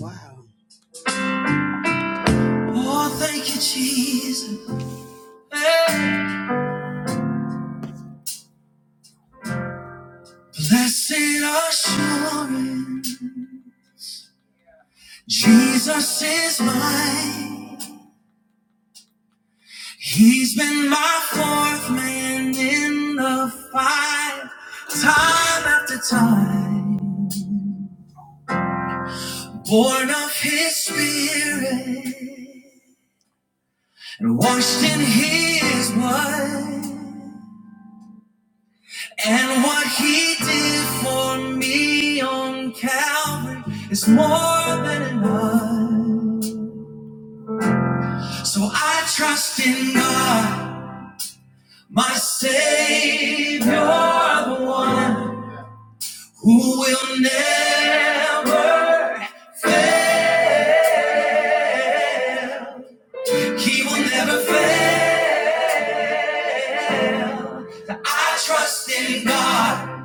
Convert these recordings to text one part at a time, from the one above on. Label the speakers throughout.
Speaker 1: Wow. Oh, thank you, Jesus. Hey. Blessed assurance, Jesus is mine. He's been my fourth man in the fight, time after time. Born of His Spirit and washed in His blood. And what he did for me on Calvary is more than enough. So I trust in God, my Savior, the one who will never, he will never fail. I trust in God,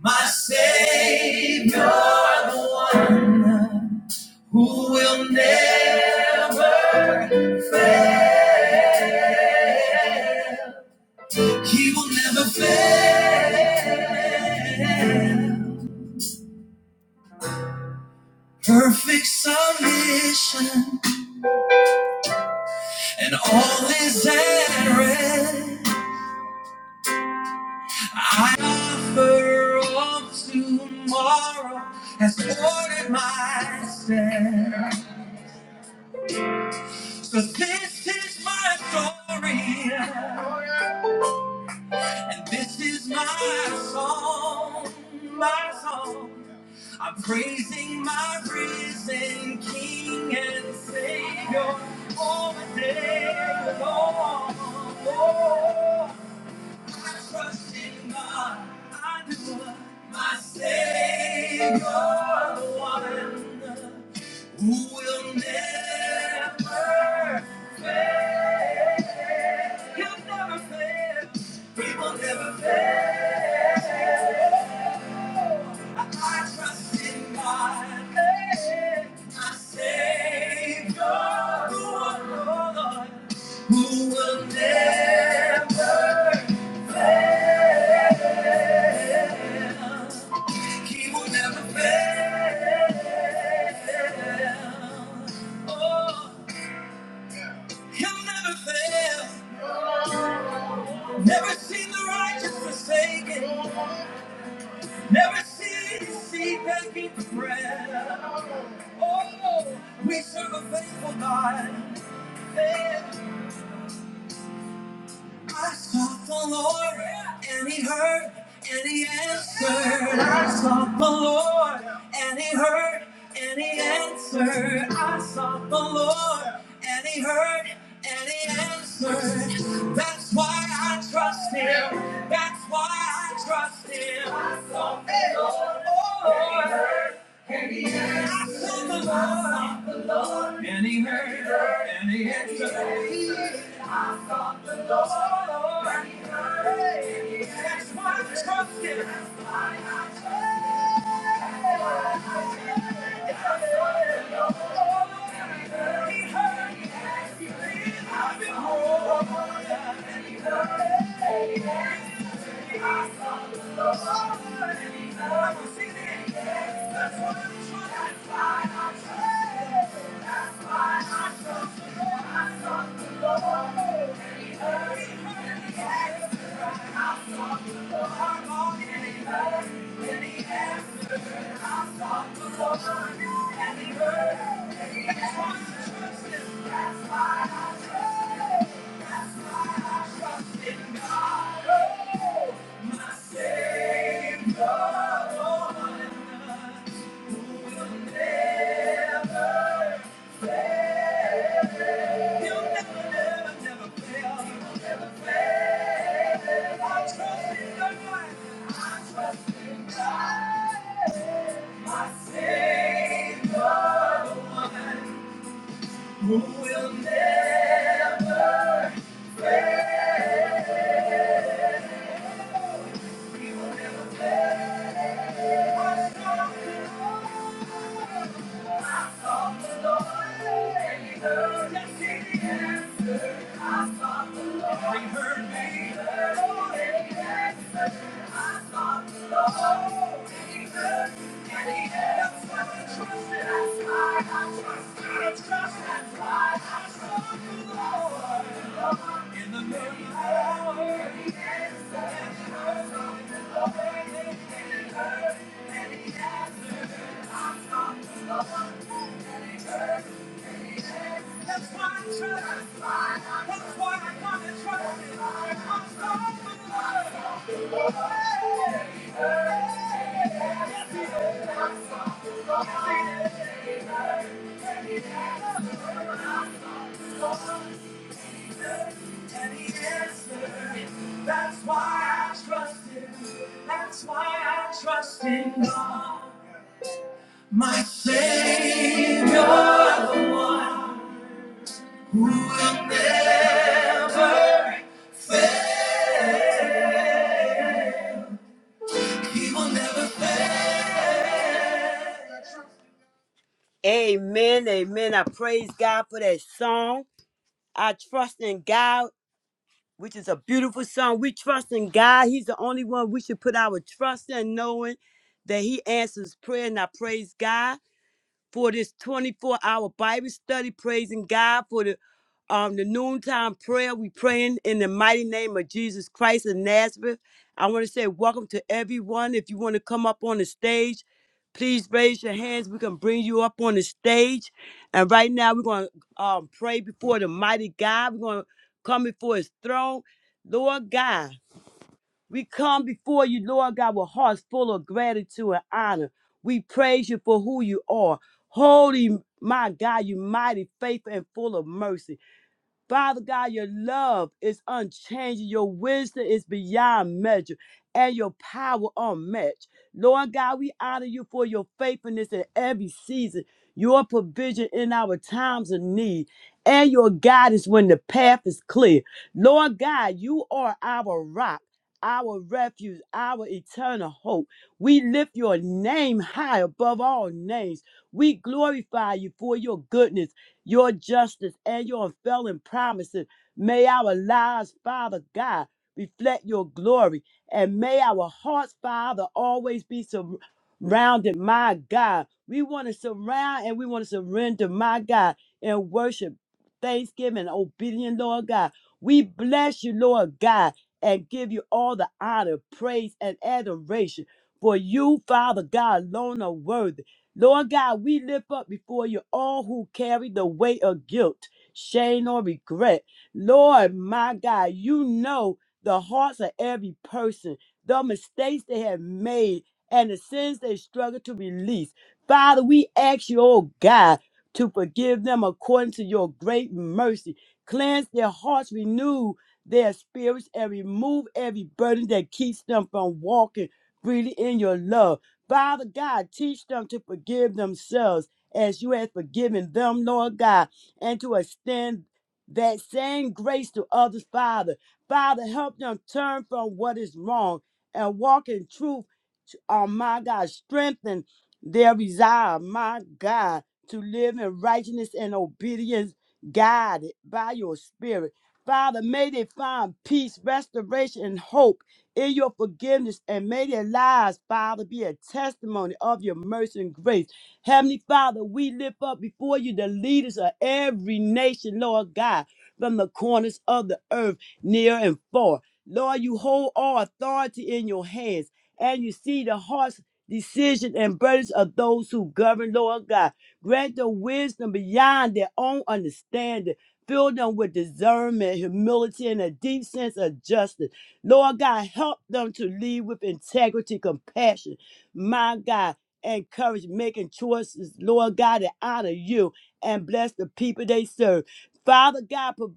Speaker 1: my Savior, the one who will never, he will never fail. Perfect submission and all is at rest. I offer all tomorrow has ordered my steps. So this is my story. This is my song, my song. I'm praising my risen King and Savior all the day long. Oh, I trust in God, I do my Savior, the one who will never fail. You never fail. We will never fail. I trust in God. Hey, my Savior, who will, Lord, who will never, he will never fail. Oh, he'll never fail. Never seen the righteous forsaken. Never seen his seed begging for bread. Oh, no. we serve a faithful God. Yeah. I sought the Lord, and He heard, and He answered. I sought the Lord, and He heard, and He answered. I sought the Lord, and He heard, and He answered. That's why I trust Him. That's why I trust Him. I sought the Lord, and He heard, and He answered. I sought the Lord. Any hater, any hater, he is the Lord. That's why I trust him. He heard me. I've been That's That's why I trust. That's why I trust. That's why I I've trust trust the Lord. He heard me. He heard me. Who will never, never fail? I Trust, that's why I trust the Lord. That's why I trust. That's why Yes, him. That's why I trust in God. My Savior, the one who will never fail. He will never fail. Amen, amen. I praise God for that song. I trust in God, which is a beautiful song. We trust in God. He's the only one we should put our trust in, knowing that He answers prayer. And I praise God. for this 24 hour Bible study, praising God for the um the noontime prayer. We praying in the mighty name of Jesus Christ of Nazareth. I want to say welcome to everyone. If you want to come up on the stage, please raise your hands. We can bring you up on the stage. And right now we're gonna um pray before the mighty God. We're gonna come before his throne. Lord God. We come before you, Lord God, with hearts full of gratitude and honor. We praise you for who you are. Holy, my God, you mighty, faithful, and full of mercy. Father God, your love is unchanging. Your wisdom is beyond measure and your power unmatched. Lord God, we honor you for your faithfulness in every season, your provision in our times of need, and your guidance when the path is clear. Lord God, you are our rock, our refuge, our eternal hope. We lift your name high above all names. We glorify you for your goodness your justice and your unfailing promises. May our lives, Father God, reflect your glory. And may our hearts, Father, always be surrounded, my God. We want to surround and we want to surrender, my God, in worship, thanksgiving, and obedience, Lord God. We bless you, Lord God, and give you all the honor, praise, and adoration. For you, Father God, alone are worthy. Lord God, we lift up before you all who carry the weight of guilt, shame, or regret. Lord, my God, you know the hearts of every person, the mistakes they have made, and the sins they struggle to release. Father, we ask you, oh God, to forgive them according to your great mercy. Cleanse their hearts, renew their spirits, and remove every burden that keeps them from walking freely in your love. Father God, teach them to forgive themselves as you have forgiven them, Lord God, and to extend that same grace to others, Father. Father, help them turn from what is wrong and walk in truth. Oh, my God, strengthen their resolve, my God, to live in righteousness and obedience, guided by your spirit. Father, may they find peace, restoration, and hope in your forgiveness and may their lives, Father, be a testimony of your mercy and grace. Heavenly Father, we lift up before you the leaders of every nation, Lord God, from the corners of the earth, near and far. Lord, you hold all authority in your hands and you see the hearts, decision, and burdens of those who govern, Lord God. Grant them wisdom beyond their own understanding. Fill them with discernment, humility, and a deep sense of justice. Lord God, help them to lead with integrity, compassion, my God, and courage, making choices, Lord God, that honor you and bless the people they serve. Father God, pro-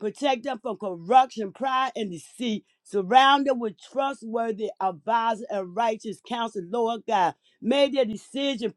Speaker 1: protect them from corruption, pride, and deceit. Surround them with trustworthy advisors and righteous counsel, Lord God. May their decision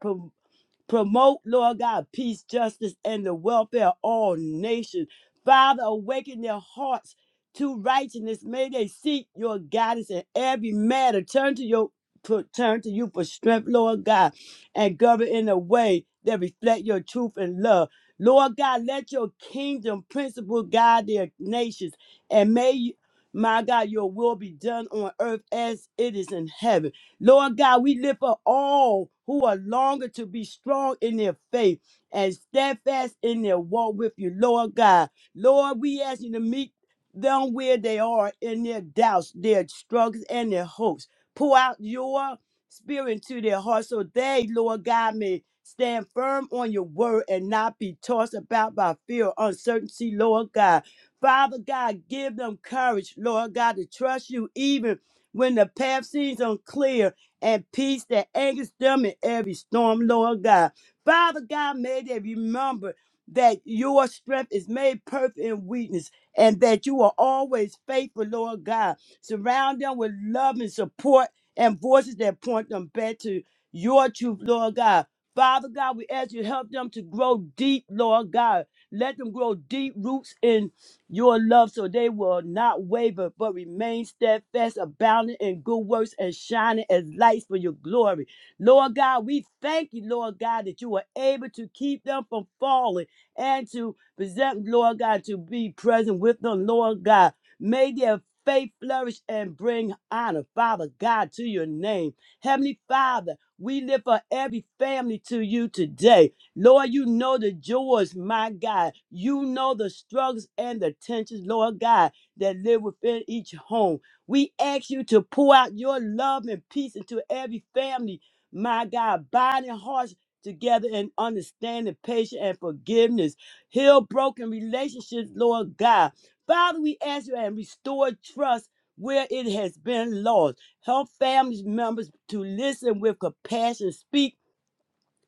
Speaker 1: Promote, Lord God, peace, justice, and the welfare of all nations. Father, awaken their hearts to righteousness. May they seek your guidance in every matter. Turn to your to- turn to you for strength, Lord God, and govern in a way that reflect your truth and love. Lord God, let your kingdom principle guide their nations, and may, you- my God, your will be done on earth as it is in heaven. Lord God, we lift up all who are longer to be strong in their faith and steadfast in their walk with you, Lord God. Lord, we ask you to meet them where they are in their doubts, their struggles, and their hopes. Pour out your spirit into their hearts so they, Lord God, may stand firm on your word and not be tossed about by fear or uncertainty, Lord God. Father God, give them courage, Lord God, to trust you even when the path seems unclear, and peace that anchors them in every storm, Lord God. Father God, may they remember that your strength is made perfect in weakness and that you are always faithful, Lord God. Surround them with love and support and voices that point them back to your truth, Lord God. Father God, we ask you to help them to grow deep, Lord God. Let them grow deep roots in your love so they will not waver, but remain steadfast, abounding in good works and shining as lights for your glory. Lord God, we thank you, Lord God, that you are able to keep them from falling and to present, Lord God, to be present with them, Lord God. May their faith flourish and bring honor, Father God, to your name. Heavenly Father, we lift up every family to you today. Lord, you know the joys, my God. You know the struggles and the tensions, Lord God, that live within each home. We ask you to pour out your love and peace into every family, my God, binding hearts together in understanding, patience, and forgiveness. Heal broken relationships, Lord God. Father, we ask you and restore trust where it has been lost. Help families members to listen with compassion, speak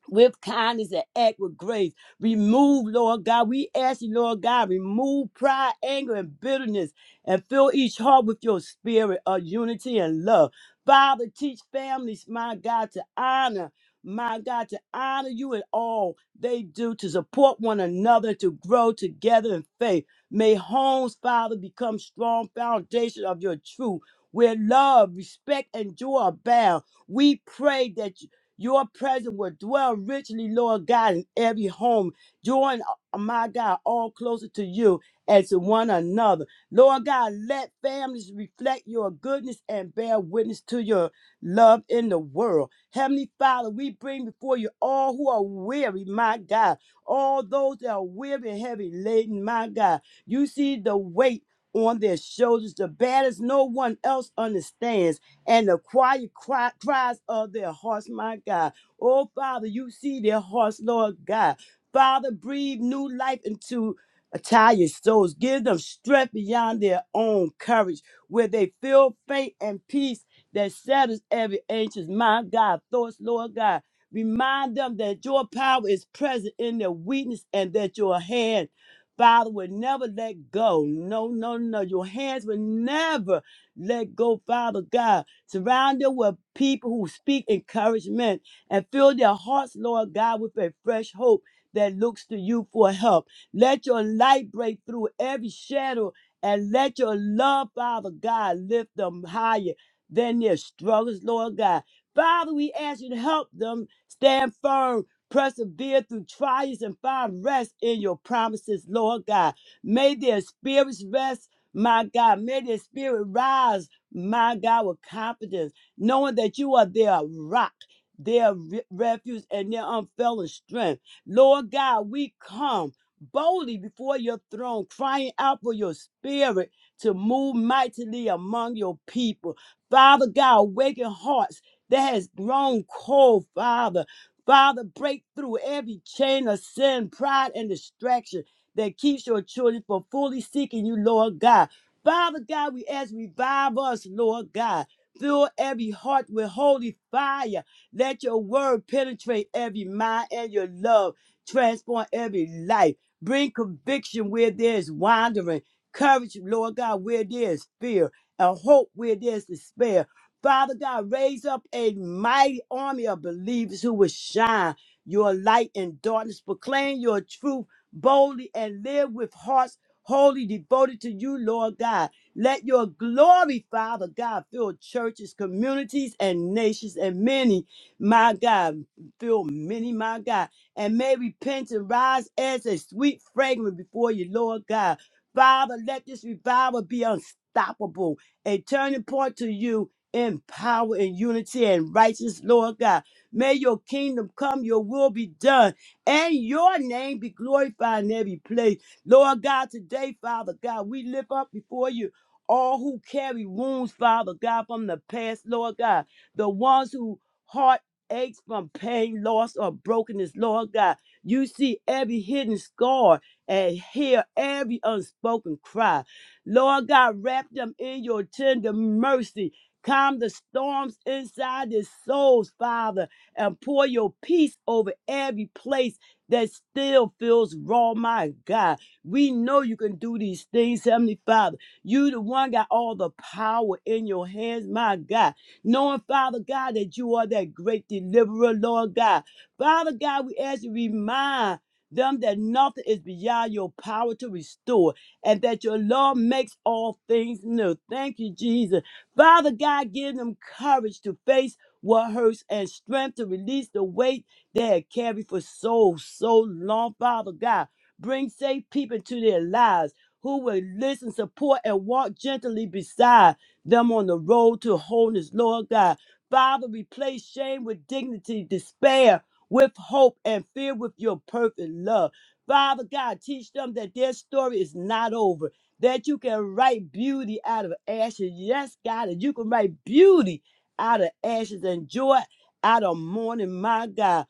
Speaker 1: with kindness and act with grace. Remove, Lord God. We ask you, Lord God, remove pride, anger, and bitterness and fill each heart with your spirit of unity and love. Father, teach families, my God, to honor. My God, to honor you in all they do, to support one another, to grow together in faith. May homes, Father, become strong foundation of your truth, where love, respect, and joy abound. We pray that your presence will dwell richly, Lord God, in every home. Join, uh, my God, all closer to you and to one another. Lord God, let families reflect your goodness and bear witness to your love in the world. Heavenly Father, we bring before you all who are weary, my God, all those that are weary and heavy laden, my God. You see the weight on their shoulders, the battles no one else understands and the quiet cry, cries of their hearts, my God. Oh, Father, you see their hearts, Lord God. Father, breathe new life into tired souls. Give them strength beyond their own courage, where they feel faith and peace that settles every anxious, my God, thoughts, Lord God. Remind them that your power is present in their weakness and that your hand, Father, will never let go. No, no, no. Your hands will never let go, Father God. Surround them with people who speak encouragement and fill their hearts, Lord God, with a fresh hope that looks to you for help. Let your light break through every shadow and let your love, Father God, lift them higher than their struggles, Lord God. Father, we ask you to help them stand firm, persevere through trials, and find rest in your promises, Lord God. May their spirits rest, my God. May their spirit rise my God, with confidence, knowing that you are their rock, their re- refuge, and their unfailing strength. Lord God, we come boldly before your throne, crying out for your spirit to move mightily among your people. Father God, awaken hearts that has grown cold, Father. Father, break through every chain of sin, pride, and distraction that keeps your children from fully seeking you, Lord God. Father God, we ask, revive us, Lord God. Fill every heart with holy fire. Let your word penetrate every mind and your love transform every life. Bring conviction where there is wandering, courage, Lord God, where there is fear, and hope where there is despair. Father God, raise up a mighty army of believers who will shine your light in darkness, proclaim your truth boldly, and live with hearts holy, devoted to you, Lord God. Let your glory, Father God, fill churches, communities, and nations, and many, my God, fill many, my God. And may repentance rise as a sweet fragrance before you, Lord God. Father, let this revival be unstoppable, a turning point to you in power and unity and righteousness, Lord God. May your kingdom come, your will be done, and your name be glorified in every place. Lord God, today, Father God, we lift up before you all who carry wounds, Father God, from the past, Lord God, the ones who heart aches from pain, loss, or brokenness, Lord God. You see every hidden scar and hear every unspoken cry. Lord God, wrap them in your tender mercy. Calm the storms inside their souls, Father, and pour your peace over every place that still feels raw, my God. We know you can do these things, Heavenly Father. You, the one, got all the power in your hands, my God. Knowing, Father God, that you are that great deliverer, Lord God. Father God, we ask you to remind them that nothing is beyond your power to restore and that your love makes all things new. Thank you, Jesus. Father God, give them courage to face what hurts and strength to release the weight they have carried for so, so long, Father God. Bring safe people into their lives who will listen, support, and walk gently beside them on the road to wholeness, Lord God. Father, replace shame with dignity, despair with hope, and fear with your perfect love. Father God, teach them that their story is not over, that you can write beauty out of ashes. Yes, God, that you can write beauty out of ashes and joy out of mourning, my God.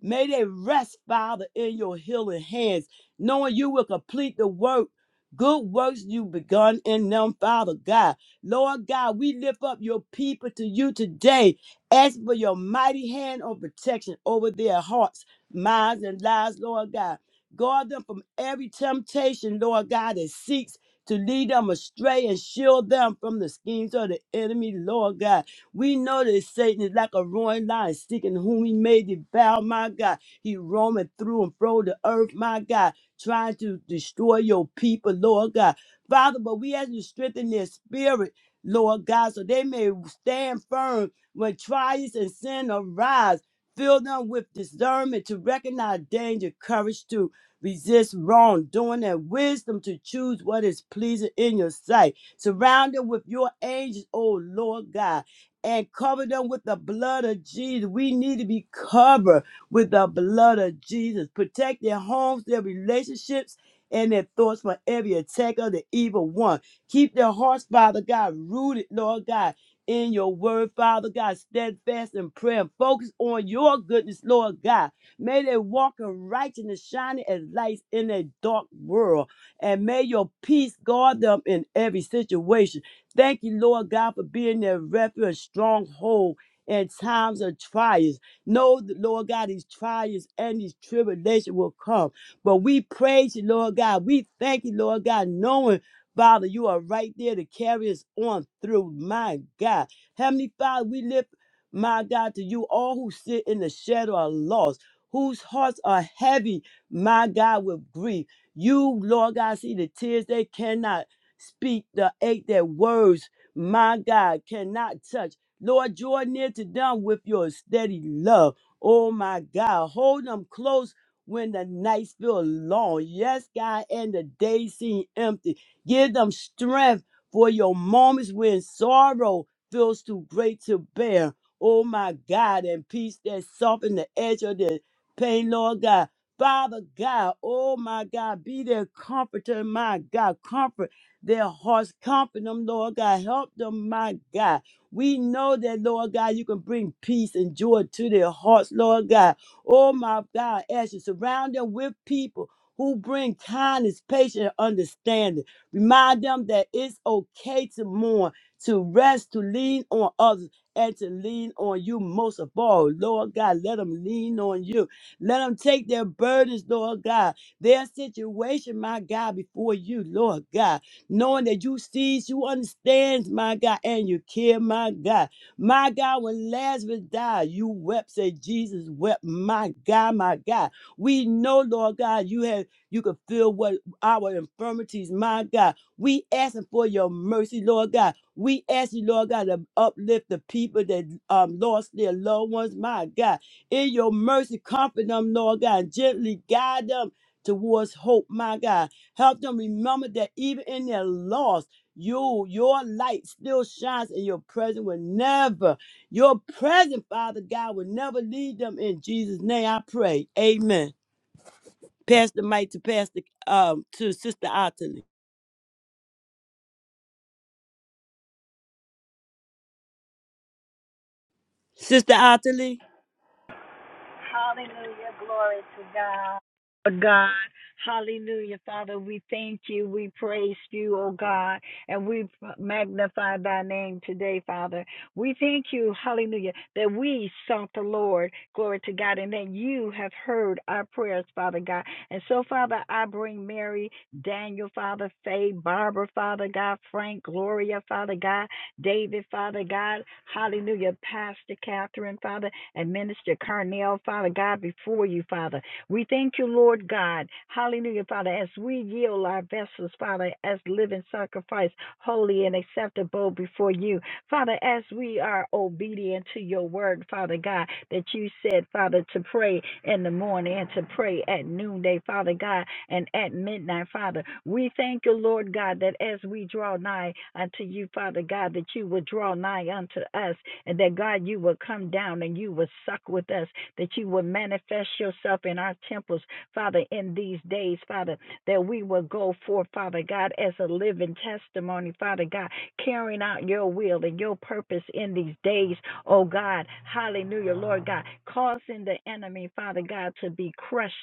Speaker 1: May they rest, Father, in your healing hands, knowing you will complete the work, good works you begun in them, Father God. Lord God, we lift up your people to you today. Ask for your mighty hand of protection over their hearts, minds, and lives, Lord God. Guard them from every temptation, Lord God, that seeks to lead them astray and shield them from the schemes of the enemy, Lord God. We know that Satan is like a roaring lion, seeking whom he may devour, my God. He roaming through and fro the earth, my God, trying to destroy your people, Lord God. Father, but we ask you to strengthen their spirit, Lord God, so they may stand firm when trials and sin arise. Fill them with discernment to recognize danger, courage to resist wrongdoing, and wisdom to choose what is pleasing in your sight. Surround them with your angels, oh Lord God and cover them with the blood of Jesus. We need to be covered with the blood of Jesus. Protect their homes, their relationships, and their thoughts from every attack of the evil one. Keep their hearts, Father God, rooted, Lord God, in your word, Father God, steadfast in prayer and focus on your goodness, Lord God. May they walk in righteousness, shining as lights in a dark world. And may your peace guard them in every situation. Thank you, Lord God, for being their refuge, stronghold in times of trials. Know, that, Lord God, these trials and these tribulations will come. But we praise you, Lord God. We thank you, Lord God, knowing, Father, you are right there to carry us on through. My God. Heavenly Father, we lift, my God, to you all who sit in the shadow of loss, whose hearts are heavy, my God, with grief. You, Lord God, see the tears they cannot speak the ache that words, my God, cannot touch. Lord, draw near to them with your steady love. Oh my God, hold them close when the nights feel long. Yes, God, and the days seem empty. Give them strength for your moments when sorrow feels too great to bear. Oh my God, and peace that softens the edge of the pain, Lord God. Father God, oh my God, be their comforter, my God. Comfort their hearts comfort them, Lord God. Help them, my God. We know that, Lord God, you can bring peace and joy to their hearts, Lord God. Oh, my God, as you surround them with people who bring kindness, patience, and understanding. Remind them that it's okay to mourn, to rest, to lean on others, and to lean on you most of all. Lord God, let them lean on you. Let them take their burdens, Lord God, their situation, my God, before you, Lord God knowing that you sees, you understands, my God, and you care, my God. My God, when Lazarus died, you wept, said Jesus wept, my God, my God. We know, Lord God, you have you can feel what our infirmities, my God. We asking for your mercy, Lord God. We ask you, Lord God, to uplift the people that um lost their loved ones, my God. In your mercy, comfort them, Lord God, and gently guide them towards hope, my God. Help them remember that even in their loss, you, your light still shines and your presence will never, your presence, Father God, will never leave them in Jesus' name. I pray. Amen. Pass the mic to Pastor um to Sister Ottilie. Sister Ottilie.
Speaker 2: Hallelujah. Glory to God. God, hallelujah, Father. We thank you. We praise you, oh God, and we magnify thy name today, Father. We thank you, hallelujah, that we sought the Lord, glory to God, and that you have heard our prayers, Father God. And so, Father, I bring Mary, Daniel, Father, Faye, Barbara, Father God, Frank, Gloria, Father God, David, Father God, hallelujah, Pastor Catherine, Father and Minister Carnell, Father God, before you, Father. We thank you, Lord God. Hallelujah, Father, as we yield our vessels, Father, as living sacrifice, holy and acceptable before you. Father, as we are obedient to your word, Father God, that you said, Father, to pray in the morning and to pray at noonday, Father God, and at midnight, Father. We thank you, Lord God, that as we draw nigh unto you, Father God, that you will draw nigh unto us and that God, you will come down and you will suck with us, that you will manifest yourself in our temples, Father, in these days, Father, that we will go forth, Father God, as a living testimony, Father God, carrying out your will and your purpose in these days, oh God. Hallelujah, Lord God, causing the enemy, Father God, to be crushed,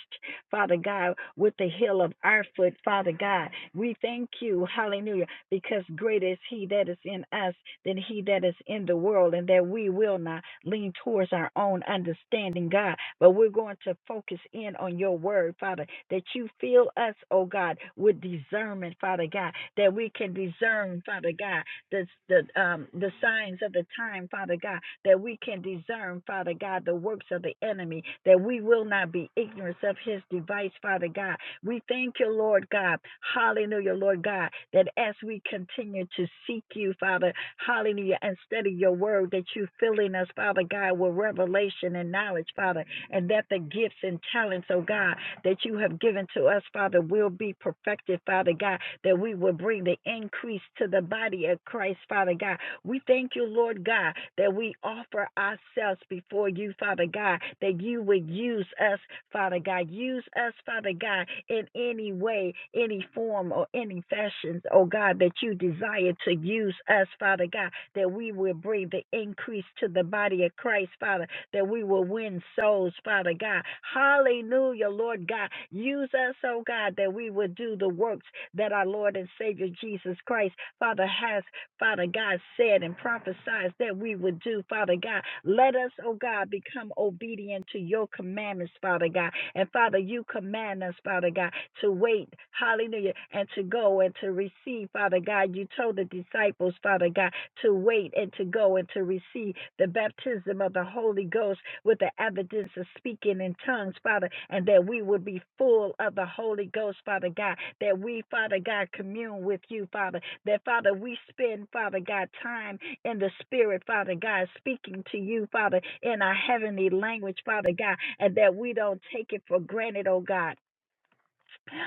Speaker 2: Father God, with the heel of our foot, Father God. We thank you, hallelujah because greater is he that is in us than he that is in the world, and that we will not lean towards our own understanding, God, but we're going to focus in on your word, Father, that you fill us, oh God, with discernment, Father God, that we can discern, Father God, the, the, um, the signs of the time, Father God, that we can discern, Father God, the works of the enemy, that we will not be ignorant of his device, Father God, we thank you, Lord God. Hallelujah, Lord God, that as we continue to seek you, Father, hallelujah, and study your word, that you filling us, Father God, with revelation and knowledge, Father, and that the gifts and talents, oh God, that you have given to us, Father, will be perfected, Father God, that we will bring the increase to the body of Christ, Father God. We thank you, Lord God, that we offer ourselves before you, Father God, that you would use us Father God. Use us, Father God, in any way, any form, or any fashions, oh God, that you desire to use us, Father God, that we will bring the increase to the body of Christ, Father, that we will win souls, Father God. Hallelujah, Lord God. Use us, oh God, that we will do the works that our Lord and Savior Jesus Christ, Father, has Father God said and prophesied that we would do, Father God. Let us, oh God, become obedient to your commandments, Father God. And Father, you command us, Father God, to wait, hallelujah, and to go and to receive, Father God. You told the disciples, Father God, to wait and to go and to receive the baptism of the Holy Ghost with the evidence of speaking in tongues, Father, and that we would be full of the Holy Ghost, Father God, that we, Father God, commune with you, Father, that, Father, we spend, Father God, time in the Spirit, Father God, speaking to you, Father, in our heavenly language, Father God, and that we don't take it for granted, oh God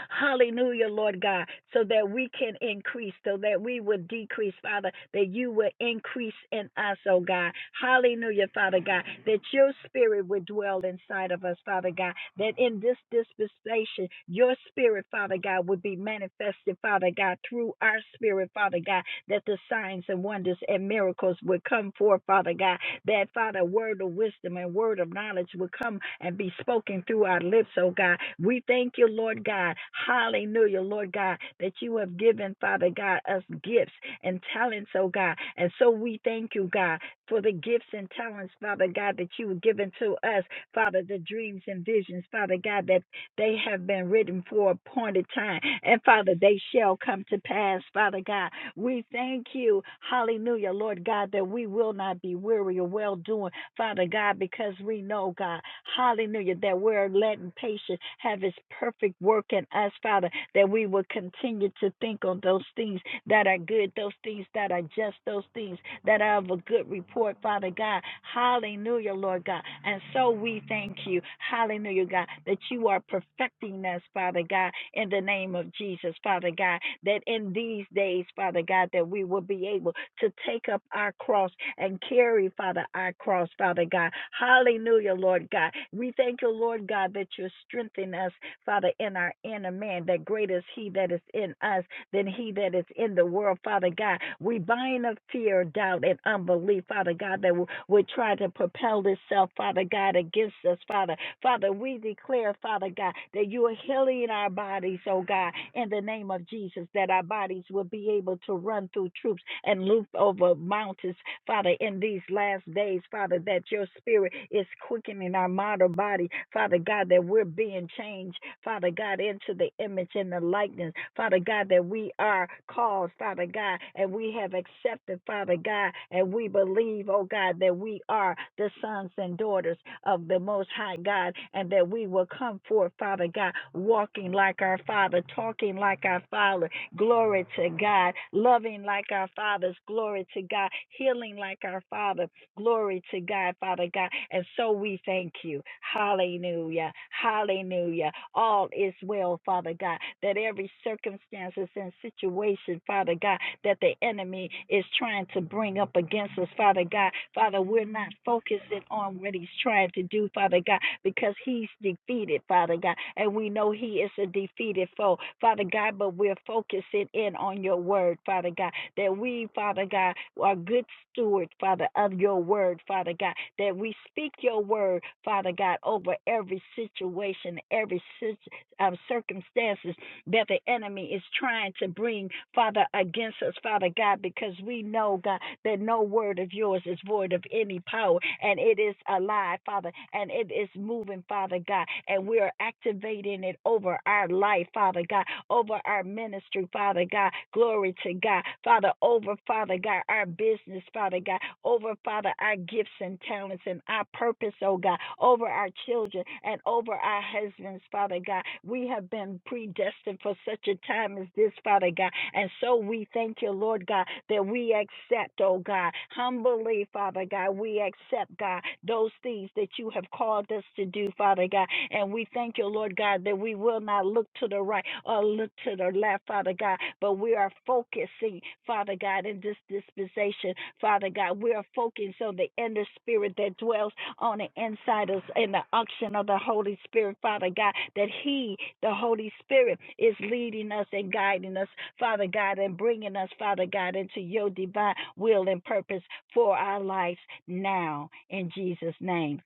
Speaker 2: Hallelujah, Lord God, so that we can increase, so that we would decrease, Father, that you would increase in us, oh God. Hallelujah, Father God, that your spirit would dwell inside of us, Father God, that in this dispensation, your spirit, Father God, would be manifested, Father God, through our spirit, Father God, that the signs and wonders and miracles would come forth, Father God, that, Father, a word of wisdom and word of knowledge will come and be spoken through our lips, oh God. We thank you, Lord God. Hallelujah, Lord God, that you have given, Father God, us gifts and talents, oh God. And so we thank you, God, for the gifts and talents, Father God, that you have given to us, Father, the dreams and visions, Father God, that they have been written for a appointed time. And Father, they shall come to pass, Father God. We thank you, hallelujah, Lord God, that we will not be weary of well doing, Father God, because we know, God, hallelujah, that we're letting patience have its perfect work in us, Father, that we will continue to think on those things that are good, those things that are just, those things that are of a good report, Father God. Hallelujah, Lord God. And so we thank you, hallelujah, God, that you are perfecting us, Father God, in the name of Jesus, Father God, that in these days, Father God, that we will be able to take up our cross and carry, Father, our cross, Father God. Hallelujah, Lord God. We thank you, Lord God, that you're strengthening us, Father, in our inner man, that great is He that is in us than he that is in the world, Father God. We bind up fear, doubt, and unbelief, Father God, that w- would try to propel itself, Father God, against us, Father. Father, we declare, Father God, that you are healing our bodies, oh God, in the name of Jesus, that our bodies will be able to run through troops and loop over mountains, Father, in these last days, Father, that your spirit is quickening our mortal body, Father God, that we're being changed, Father God, into the image and the likeness, Father God, that we are called, Father God, and we have accepted, Father God, and we believe, oh God, that we are the sons and daughters of the Most High God, and that we will come forth, Father God, walking like our Father, talking like our Father, glory to God, loving like our fathers, glory to God, healing like our Father, Glory to God, Father God. And so we thank you. Hallelujah. Hallelujah. All is well, Father God, that every circumstances and situation, Father God, that the enemy is trying to bring up against us, Father God. Father, we're not focusing on what he's trying to do, Father God, because he's defeated, Father God. And we know he is a defeated foe, Father God, but we're focusing in on your word, Father God that we, Father God, are good stewards, Father, of your word, Father God, that we speak your word, Father God, over every situation, every cir- um, circumstance, that the enemy is trying to bring, Father, against us, Father God, because we know, God, that no word of yours is void of any power, and it is alive, Father, and it is moving, Father God, and we are activating it over our life, Father God, over our ministry, Father God. Glory to God, Father, over, Father God, our business, Father God, over, Father, our gifts and talents and our purpose, oh God, over our children and over our husbands, Father God. We have been predestined for such a time as this, Father God. And so we thank you, Lord God, that we accept, oh God, humbly, Father God, we accept, God, those things that you have called us to do, Father God. And we thank you, Lord God, that we will not look to the right or look to the left, Father God, but we are focusing, Father God, in this dispensation, Father God, we are focusing on the inner spirit that dwells on the inside of us in the unction of the Holy Spirit, Father God, that He, the Holy Spirit, is leading us and guiding us, Father God, and bringing us, Father God, into your divine will and purpose for our lives now, in Jesus' name.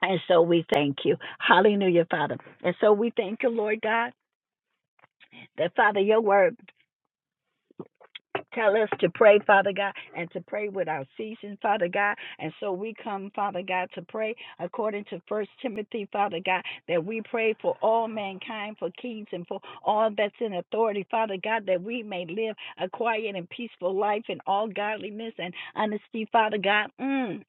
Speaker 2: And so we thank you. Hallelujah, Father. And so we thank you, Lord God, that Father, your word. Tell us to pray, Father God, and to pray without ceasing, Father God. And so we come, Father God, to pray according to First Timothy, Father God, that we pray for all mankind, for kings, and for all that's in authority, Father God, that we may live a quiet and peaceful life in all godliness and honesty, Father God. Mm.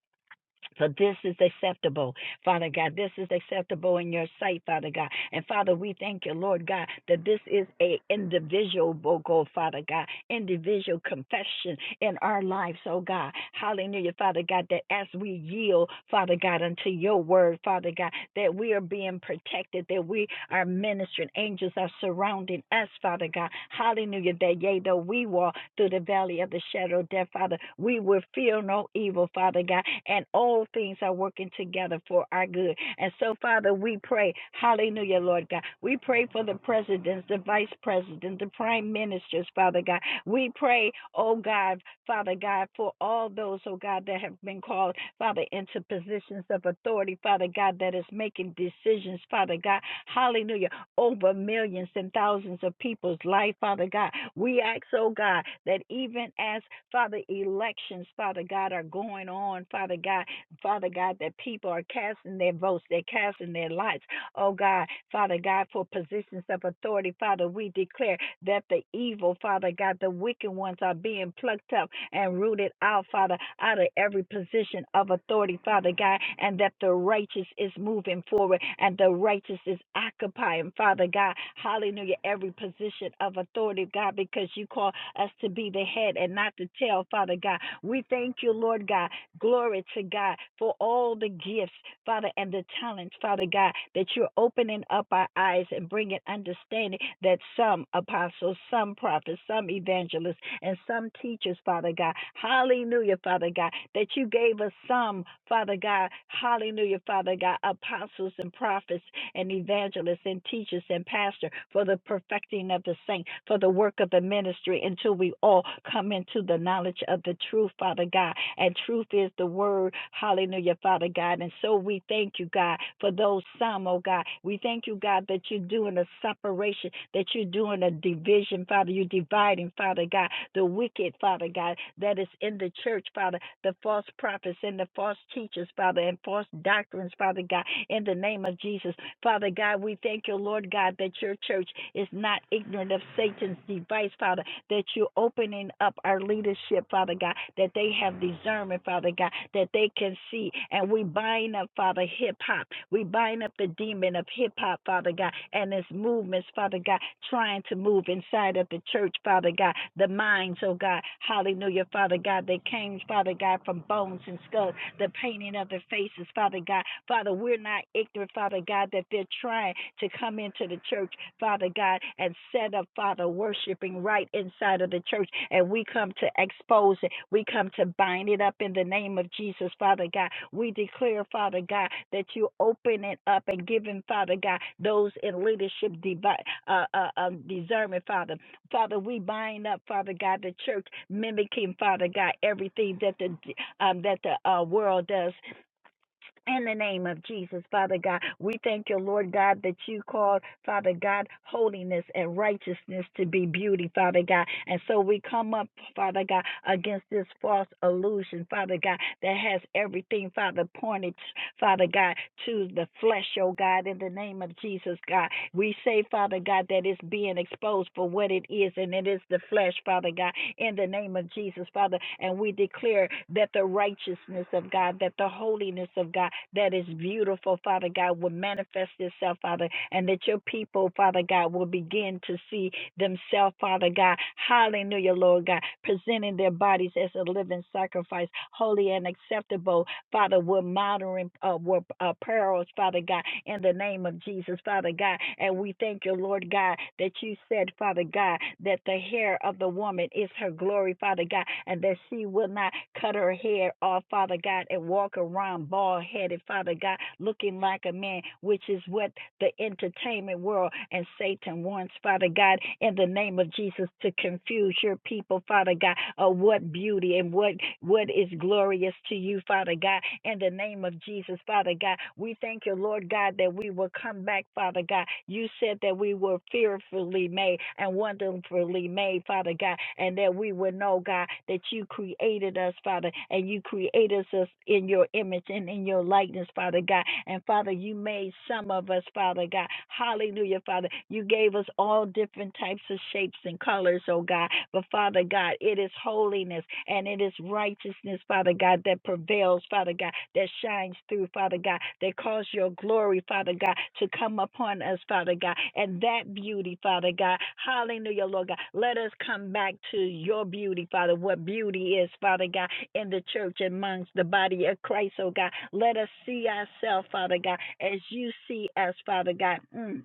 Speaker 2: For this is acceptable, Father God. This is acceptable in your sight, Father God. And Father, we thank you, Lord God, that this is a individual vocal, Father God, individual confession in our lives, oh God. Hallelujah, Father God, that as we yield, Father God, unto your word, Father God, that we are being protected, that we are ministering angels are surrounding us, Father God. Hallelujah. That yea, though we walk through the valley of the shadow of death, Father, we will fear no evil, Father God. And all things are working together for our good. And so, Father, we pray, hallelujah, Lord God. We pray for the presidents, the vice president, the prime ministers, Father God. We pray, oh God, Father God, for all those, oh God, that have been called, Father, into positions of authority, Father God, that is making decisions, Father God. Hallelujah over millions and thousands of people's life, Father God. We ask, oh God, that even as, Father, elections, Father God, are going on, Father God, Father God, that people are casting their votes, they're casting their lives oh God, Father God, for positions of authority, Father, we declare that the evil, Father God, the wicked ones are being plucked up and rooted out, Father, out of every position of authority, Father God, and that the righteous is moving forward and the righteous is occupying, Father God, hallelujah, every position of authority, God, because you call us to be the head and not the tail, Father God. We thank you, Lord God, Glory to God for all the gifts, Father, and the talents, Father God, that you're opening up our eyes and bringing understanding that some apostles, some prophets, some evangelists, and some teachers, Father God. Hallelujah, Father God, that you gave us some, Father God. Hallelujah, Father God, apostles and prophets and evangelists and teachers and pastors for the perfecting of the saints for the work of the ministry until we all come into the knowledge of the truth, Father God. And truth is the word. Hallelujah, Father God. And so we thank you, God, for those some, oh God. We thank you, God, that you're doing a separation, that you're doing a division, Father. You're dividing, Father God, the wicked, Father God, that is in the church, Father, the false prophets and the false teachers, Father, and false doctrines, Father God, in the name of Jesus. Father God, we thank you, Lord God, that your church is not ignorant of Satan's device, Father, that you're opening up our leadership, Father God, that they have discernment, Father God, that they can see. And we bind up, Father, hip hop. We bind up the demon of hip hop, Father God, and its movements, Father God, trying to move inside of the church, Father God, the minds, oh God. Hallelujah, Father God. They came, Father God, from bones and skulls the painting of their faces, Father God. Father, we're not ignorant, Father God, that they're trying to come into the church, Father God, and set up, Father, worshiping right inside of the church. And we come to expose it. We come to bind it up in the name of Jesus, Father God. We declare, Father God, that you open it up and give him, Father God, those in leadership devi- uh, uh, um, discernment, Father. Father, we bind up, Father God, the church mimicking, Father God, everything that the um, that the uh, world does. In the name of Jesus, Father God, we thank you, Lord God, that you called, Father God, holiness and righteousness to be beauty, Father God. And so we come up, Father God, against this false illusion, Father God, that has everything, Father, pointed, Father God, to the flesh, oh God, in the name of Jesus, God. We say, Father God, that it's being exposed for what it is, and it is the flesh, Father God in the name of Jesus, Father. And we declare that the righteousness of God, that the holiness of God, that is beautiful, Father God, will manifest itself, Father, and that your people, Father God, will begin to see themselves, Father God. Hallelujah, Lord God, presenting their bodies as a living sacrifice, holy and acceptable Father, we're monitoring uh, we're, uh, perils, Father God, in the name of Jesus, Father God. And we thank you, Lord God, that you said, Father God, that the hair of the woman is her glory, Father God, and that she will not cut her hair off, Father God, and walk around bald headed, Father God, looking like a man, which is what the entertainment world and Satan wants, Father God, in the name of Jesus, to confuse your people, Father God, of what beauty and what what is glorious to you, Father God, in the name of Jesus, Father God. We thank you, Lord God, that we will come back, Father God. You said that we were fearfully made and wonderfully made, Father God, and that we would know, God, that you created us, Father, and you created us in your image and in your your likeness, Father God. And Father, you made some of us, Father God. Hallelujah, Father. You gave us all different types of shapes and colors, oh God. But Father God, it is holiness and it is righteousness, Father God, that prevails, Father God, that shines through, Father God, that cause your glory, Father God, to come upon us, Father God. And that beauty, Father God, hallelujah, Lord God. Let us come back to your beauty, Father, what beauty is, Father God in the church amongst the body of Christ, oh God. Let us see ourselves, Father God, as you see us, Father God. Mm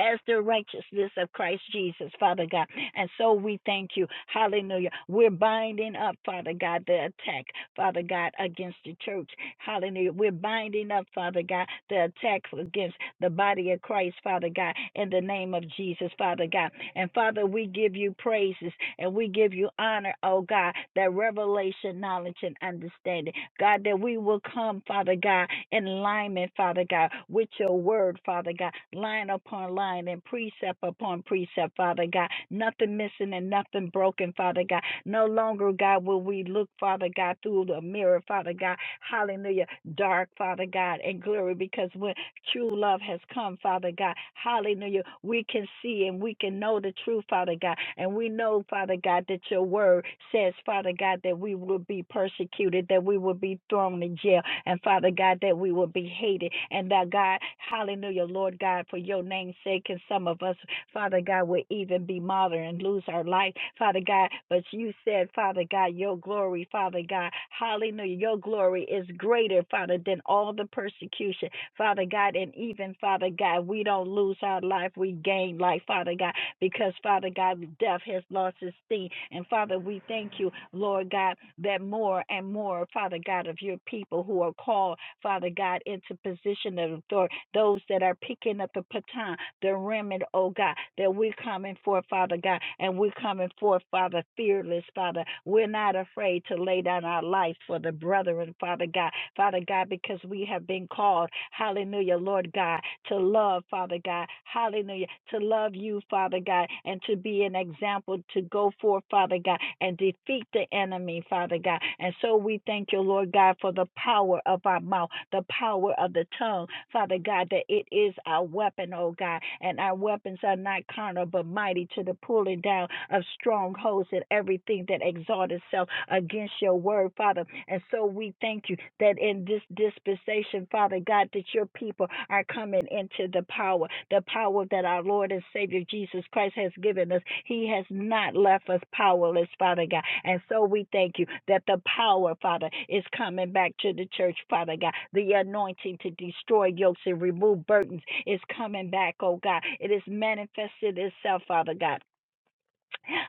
Speaker 2: as the righteousness of Christ Jesus, Father God. And so we thank you. Hallelujah. We're binding up, Father God, the attack, Father God, against the church. Hallelujah. We're binding up, Father God, the attack against the body of Christ, Father God, in the name of Jesus, Father God. And Father, we give you praises and we give you honor, oh God, that revelation, knowledge, and understanding. God, that we will come, Father God, in alignment, Father God, with your word, Father God, line upon line and precept upon precept, Father God. Nothing missing and nothing broken, Father God. No longer, God, will we look, Father God, through the mirror, Father God. Hallelujah. Dark, Father God, and glory, because when true love has come, Father God. Hallelujah. We can see and we can know the truth, Father God. And we know, Father God, that your word says, Father God, that we will be persecuted, that we will be thrown in jail, and Father God, that we will be hated. And that God, hallelujah, Lord God, for your name's sake, and some of us, Father God, will even be martyred and lose our life, Father God. But you said, Father God, your glory, Father God, hallelujah, your glory is greater, Father, than all the persecution. Father God, and even Father God, we don't lose our life, we gain life, Father God because Father God, death has lost its sting. And Father, we thank you, Lord God, that more and more, Father God, of your people who are called, Father God, into position of authority, those that are picking up the baton, the remnant, oh God, that we're coming forth, Father God, and we're coming forth, Father, fearless, Father. We're not afraid to lay down our life for the brethren, Father God, Father God, because we have been called, hallelujah, Lord God, to love, Father God, hallelujah, to love you, Father God, and to be an example to go forth, Father God, and defeat the enemy, Father God. And so we thank you, Lord God, for the power of our mouth, the power of the tongue, Father God, that it is our weapon, oh God, and our weapons are not carnal but mighty to the pulling down of strongholds and everything that exalts itself against your word, Father. And so we thank you that in this dispensation, Father God, that your people are coming into the power, the power that our Lord and Savior Jesus Christ has given us. He has not left us powerless, Father God. And so we thank you that the power, Father, is coming back to the church, Father God. The anointing to destroy yokes and remove burdens is coming back, oh God. It is manifested itself, Father God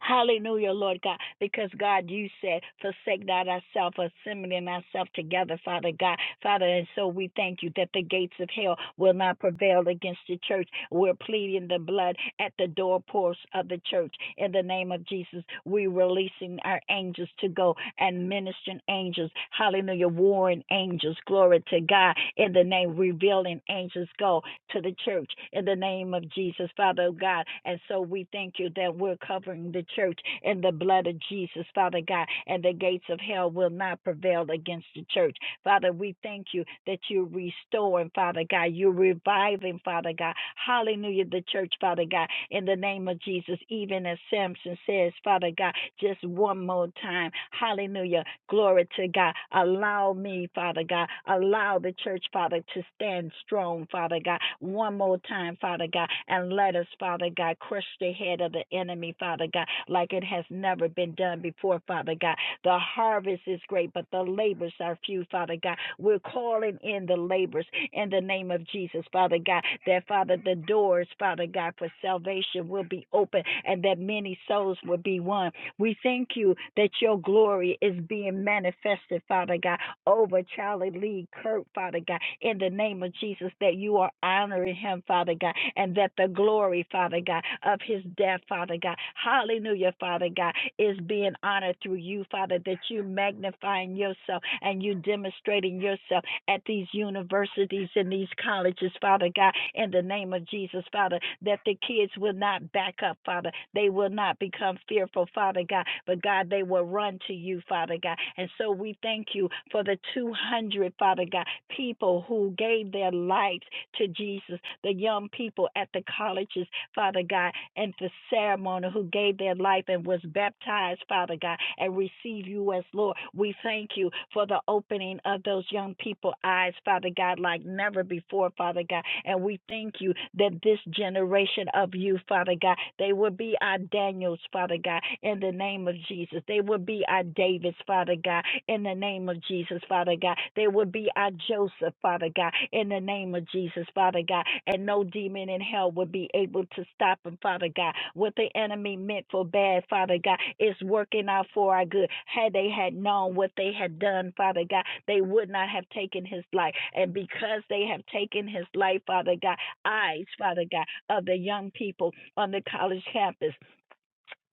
Speaker 2: Hallelujah, Lord God, because God, you said, forsake not ourselves, assembling ourselves together, Father God. Father, and so we thank you that the gates of hell will not prevail against the church. We're pleading the blood at the doorposts of the church. In the name of Jesus, we're releasing our angels to to go and ministering angels. Hallelujah. Warring angels. Glory to God. In the name, revealing angels go to the church in the name of Jesus, Father God. And so we thank you that we're covering the church in the blood of Jesus, Father God. And the gates of hell will not prevail against the church. Father, we thank you that you're restoring, Father God. You're reviving, Father God. Hallelujah, the church, Father God. In the name of Jesus, even as Samson says, Father God. Just one more time. Hallelujah. Glory to God. Allow me, Father God. Allow the church, Father, to stand strong, Father God. One more time, Father God. And let us, Father God, crush the head of the enemy, Father God, like it has never been done before, Father God. The harvest is great, but the labors are few, Father God. We're calling in the labors in the name of Jesus, Father God, that, Father, the doors, Father God, for salvation will be open and that many souls will be won we thank you that your glory is being manifested, Father God, over Charlie Lee Kirk, Father God, in the name of Jesus, that you are honoring him, Father God, and that the glory, Father God, of his death, Father God, hallelujah, Father God, is being honored through you, Father, that you magnifying yourself and you demonstrating yourself at these universities and these colleges, Father God, in the name of Jesus, Father, that the kids will not back up, Father. They will not become fearful, Father God, but God, they will run to you, Father God. And so we thank you for the 200, Father God, people who gave their lives to Jesus, the young people at the colleges, Father God, and the ceremony who gave their life and was baptized, Father God, and receive you as Lord. We thank you for the opening of those young people eyes, Father God, like never before, Father God. And we thank you that this generation of you, Father God, they will be our Daniels, Father God, in the name of Jesus. They will be our Davids, Father God, in the name of Jesus, Father God. There will be our Joseph, Father God, in the name of Jesus, Father God. And no demon in hell will be able to stop him, Father God. What the enemy meant for bad, Father God, is working out for our good. Had they had known what they had done, Father God, they would not have taken his life. And because they have taken his life, Father God, eyes, Father God, of the young people on the college campus.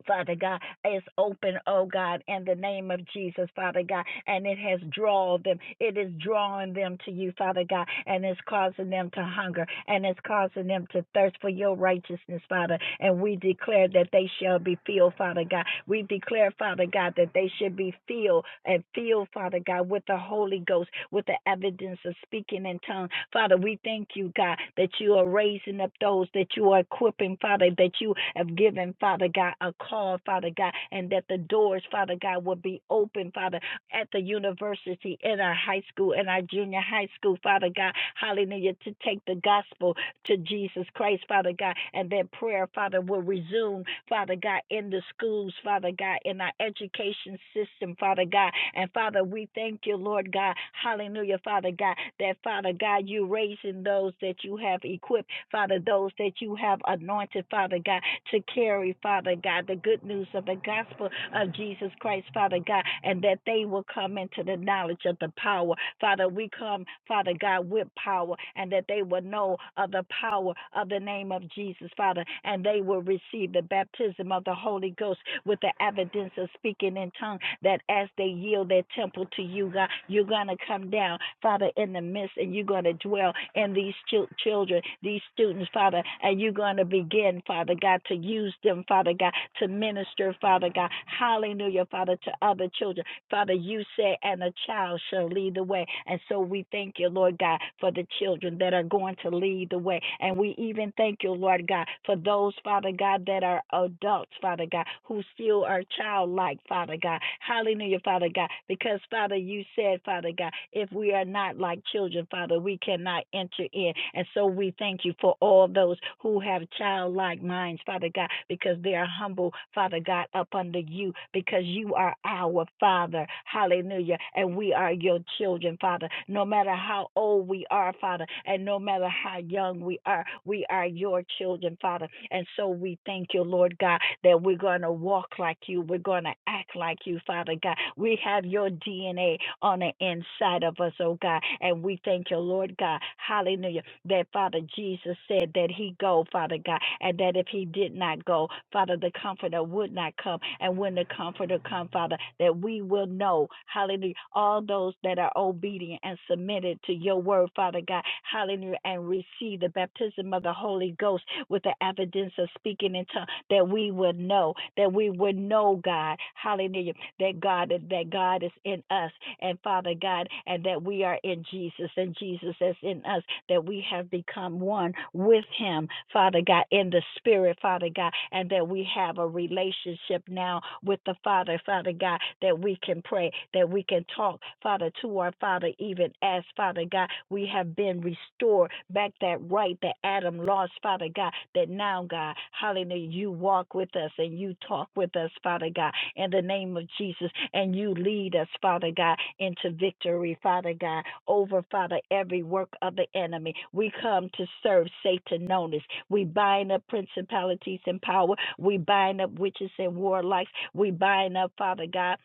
Speaker 2: Father God, is open, oh God, in the name of Jesus, Father God, and it has drawn them. It is drawing them to you, Father God, and it's causing them to hunger and it's causing them to thirst for your righteousness, Father. And we declare that they shall be filled, Father God. We declare, Father. Father God, that they should be filled and filled, Father God, with the Holy Ghost, with the evidence of speaking in tongues. Father, we thank you, God, that you are raising up those that you are equipping, Father, that you have given, Father God, a call, Father God, and that the doors, Father God, will be open, Father, at the university, in our high school, in our junior high school, Father God, hallelujah, to take the gospel, to Jesus Christ, Father God, and that prayer, Father, will resume, Father God, in the schools, Father God, in our education system, Father God. And Father, we thank you, Lord God, hallelujah, Father God, that Father God, you raising those that you have equipped, Father, those that you have anointed, Father God, to carry, Father God, the good news of the gospel of Jesus Christ, Father God, and that they will come into the knowledge of the power. Father, we come come, Father God, with power, and that they will know of the power of the name of Jesus, Father, and they will receive the baptism of the Holy Ghost with the evidence of speaking in tongues, that as they yield their temple to you, God, you're going to come down, Father, in the midst, and you're going to dwell in these chil- children, these students, Father, and you're going to begin, Father God, to use them, Father God, to minister, Father God, hallelujah, Father, to other children. Father, you said, and a child shall lead the way. And so we thank you, Lord God, for the children that are going to lead the way. And we even thank you, Lord God, for those, Father God, that are adults, Father God, who still are childlike, Father God. Hallelujah, Father God. Because, Father, you said, Father God, if we are not like children, Father, we cannot enter in. And so we thank you for all those who have childlike minds, Father God, because they are humble, Father God, up under you because you are our Father. Hallelujah. And we are your children, Father. No matter how old we are, Father, and no matter how young we are, we are your children, Father. And so we thank you, Lord God, that we're going to walk like you. We're going to act like you, Father God. We have your DNA on the inside of us, oh God. And we thank you, Lord God. Hallelujah that Father Jesus said that he go, Father God, and that if he did not go, Father, the comforter would not come. And when the comforter come, Father, that we will know, hallelujah, all those that are obedient and submitted to your word, Father God, hallelujah, and receive the baptism of the Holy Ghost with the evidence of speaking in tongues, that we would know, that we would know, God, hallelujah that God that God is in us and Father God and that we are in Jesus and Jesus is in us that we have become one with him Father God in the spirit Father God and that we have a relationship now with the Father Father God that we can pray that we can talk Father to our Father even as Father God we have been restored back that right that Adam lost Father God that now God hallelujah you walk with us and you talk with us Father God in the name of Jesus. And you lead us, Father God, into victory, Father God, over, Father, every work of the enemy. We come to serve Satan notice. We bind up principalities and power. We bind up witches and warlocks. We bind up, Father God,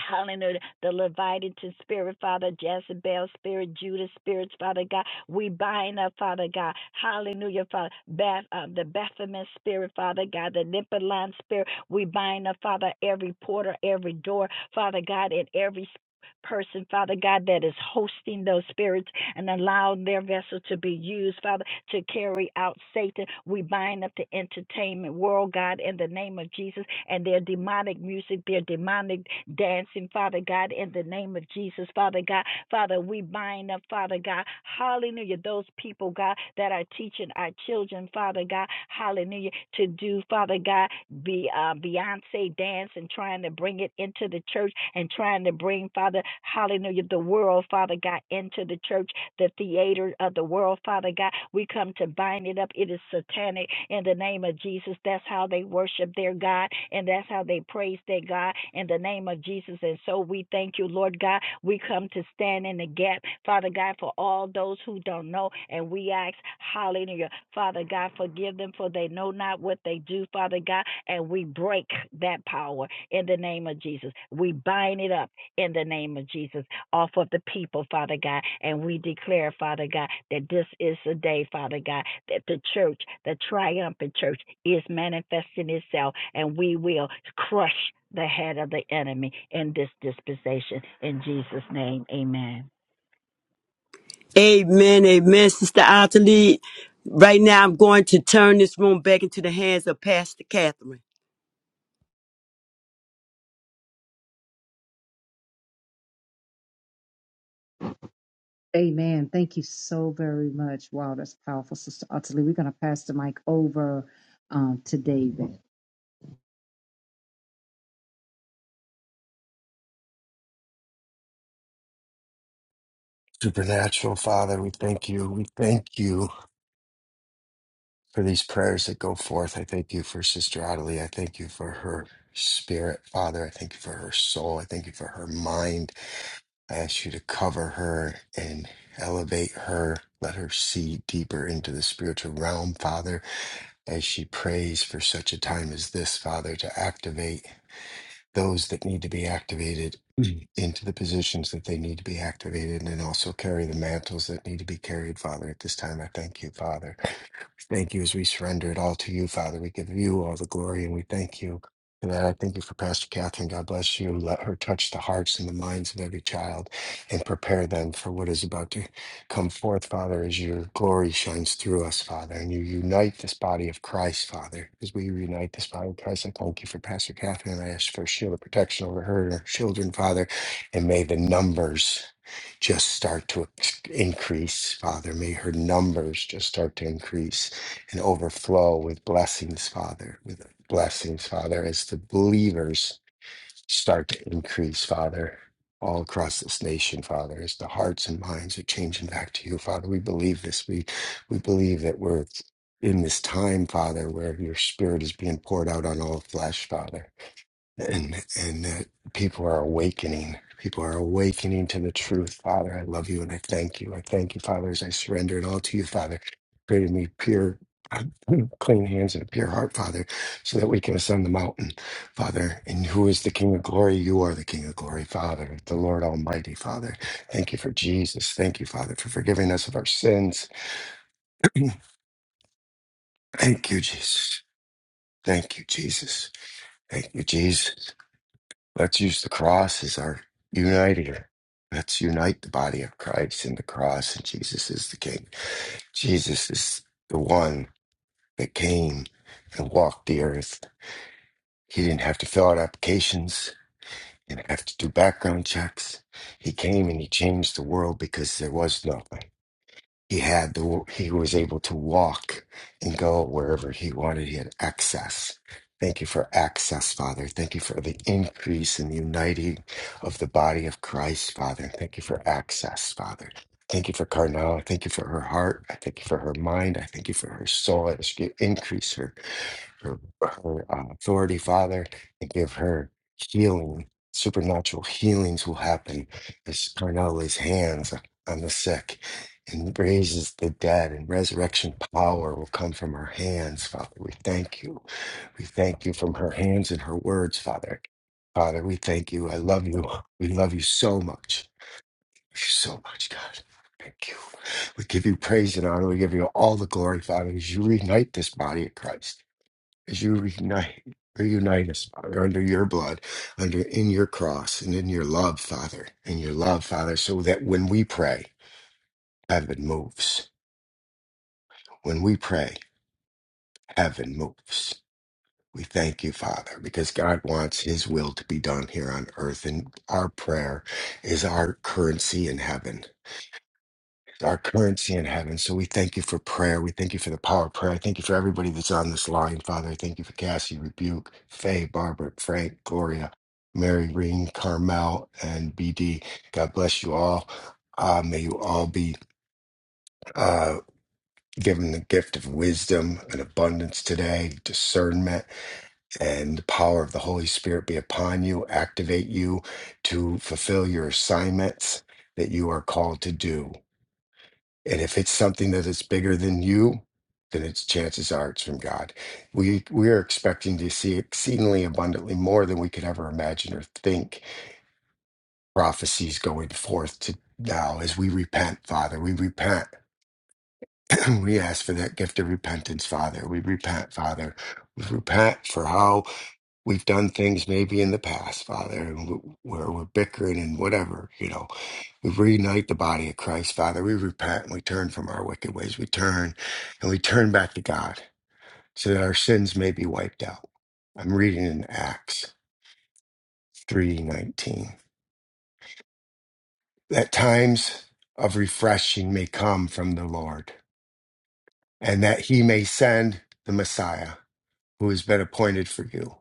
Speaker 2: Hallelujah. The Leviathan spirit, Father, Jezebel spirit, Judas spirits, Father God. We bind up, Father God. Hallelujah, Father. Beth, uh, the Baphomet spirit, Father God. The Nippoline spirit. We bind up, Father, every porter, every door, Father God, and every person, Father God, that is hosting those spirits and allow their vessel to be used, Father, to carry out Satan. We bind up the entertainment world, God, in the name of Jesus, and their demonic music, their demonic dancing, Father God, in the name of Jesus, Father God. Father, we bind up, Father God, hallelujah, those people, God, that are teaching our children, Father God, hallelujah, to do, Father God, be uh, Beyonce dance and trying to bring it into the church and trying to bring, Father, hallelujah, the world, Father God, into the church the theater of the world, Father God. We come to bind it up. It is satanic in the name of Jesus. That's how they worship their God, and that's how they praise their God in the name of Jesus. And so we thank you, Lord God. We come to stand in the gap, Father God, for all those who don't know. And we ask, hallelujah, Father God, forgive them for they know not what they do, Father God. And we break that power in the name of Jesus. We bind it up in the name of Jesus off of the people, Father God. And we declare, Father God, that this is the day, Father God, that the church, the triumphant church, is manifesting itself, and we will crush the head of the enemy in this dispensation. In Jesus' name, amen.
Speaker 1: Amen. Amen. Sister Ottilie. Right now I'm going to turn this room back into the hands of Pastor Catherine.
Speaker 3: Amen. Thank you so very much. Wow, that's powerful, Sister Utterly. We're going to pass the mic over um, to David.
Speaker 4: Supernatural Father, we thank you. We thank you for these prayers that go forth. I thank you for Sister Adelie. I thank you for her spirit, Father. I thank you for her soul. I thank you for her mind. I ask you to cover her and elevate her. Let her see deeper into the spiritual realm, Father, as she prays for such a time as this, Father, to activate. those that need to be activated into the positions that they need to be activated and then also carry the mantles that need to be carried, Father. At this time, I thank you, Father Thank you as we surrender it all to you, Father. We give you all the glory and we thank you And I thank you for Pastor Catherine. God bless you. Let her touch the hearts and the minds of every child and prepare them for what is about to come forth, Father, as your glory shines through us, Father. And you unite this body of Christ, Father. As we unite this body of Christ, I thank you for Pastor Catherine. I ask for a shield of protection over her and her children, Father. And may the numbers just start to ex- increase, Father. May her numbers just start to increase and overflow with blessings, Father, with blessings, Father, as the believers start to increase, Father, all across this nation, Father, as the hearts and minds are changing back to you, Father. We believe this. We we believe that we're in this time, Father, where your spirit is being poured out on all flesh, Father and and that people are awakening. People are awakening to the truth, Father. I love you and I thank you. I thank you, Father, as I surrender it all to you, Father. Created me pure, clean hands and a pure heart, Father, so that we can ascend the mountain, Father. And who is the King of glory? You are the King of glory, Father, the Lord Almighty, Father. Thank you for Jesus. Thank you, Father, for forgiving us of our sins. thank you, Jesus. Thank you, Jesus. Thank you, Jesus. Let's use the cross as our uniter. Let's unite the body of Christ in the cross, and Jesus is the King. Jesus is the one that came and walked the earth. He didn't have to fill out applications and have to do background checks. He came and he changed the world because there was nothing he had the he was able to walk and go wherever he wanted he had access thank you for access father thank you for the increase and uniting of the body of christ father thank you for access father thank you for carnal thank you for her heart i thank you for her mind i thank you for her soul i ask you to increase her her, her uh, authority, Father, and give her healing, supernatural healings will happen as Carnal lays hands on the sick and raises the dead, and resurrection power will come from her hands, Father. We thank you. We thank you from her hands and her words, Father. Father, we thank you. I love you. We love you so much. Thank you so much, God. Thank you. We give you praise and honor. We give you all the glory, Father, as you reunite this body of Christ as you reunite reunite us, Father, under your blood, under in your cross and in your love, Father, in your love, Father, so that when we pray, heaven moves. When we pray, heaven moves. We thank you, Father, because God wants his will to be done here on earth, and our prayer is our currency in heaven. our currency in heaven. So we thank you for prayer. We thank you for the power of prayer. I thank you for everybody that's on this line, Father. I thank you for Cassie, Rebuke, Faye, Barbara, Frank, Gloria, Mary, Reen, Carmel, and BD. God bless you all. Uh, may you all be uh, given the gift of wisdom and abundance today, discernment, and the power of the Holy Spirit be upon you, activate you to fulfill your assignments that you are called to do. And if it's something that is bigger than you, then its chances are it's from God. We we are expecting to see exceedingly abundantly more than we could ever imagine or think. Prophecies going forth to now as we repent, Father. We repent. we ask for that gift of repentance, Father. We repent, Father. We repent for how we've done things maybe in the past, Father, and wh- where we're bickering and whatever, you know we reunite the body of Christ, Father. We repent and we turn from our wicked ways. We turn and we turn back to God so that our sins may be wiped out. I'm reading in Acts 3:19. That times of refreshing may come from the Lord, and that he may send the Messiah who has been appointed for you,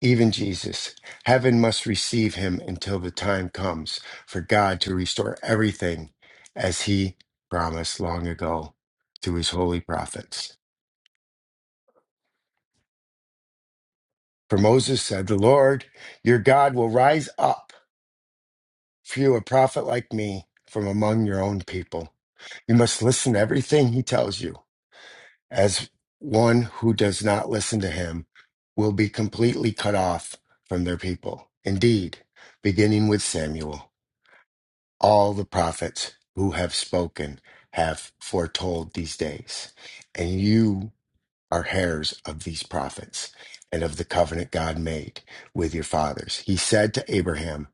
Speaker 4: even Jesus. Heaven must receive him until the time comes for God to restore everything as he promised long ago through his holy prophets. For Moses said, The Lord your God will rise up for you a prophet like me from among your own people. You must listen to everything he tells you. as one who does not listen to him will be completely cut off from their people. Indeed, beginning with Samuel, all the prophets who have spoken have foretold these days, and you are heirs of these prophets and of the covenant God made with your fathers. He said to Abraham,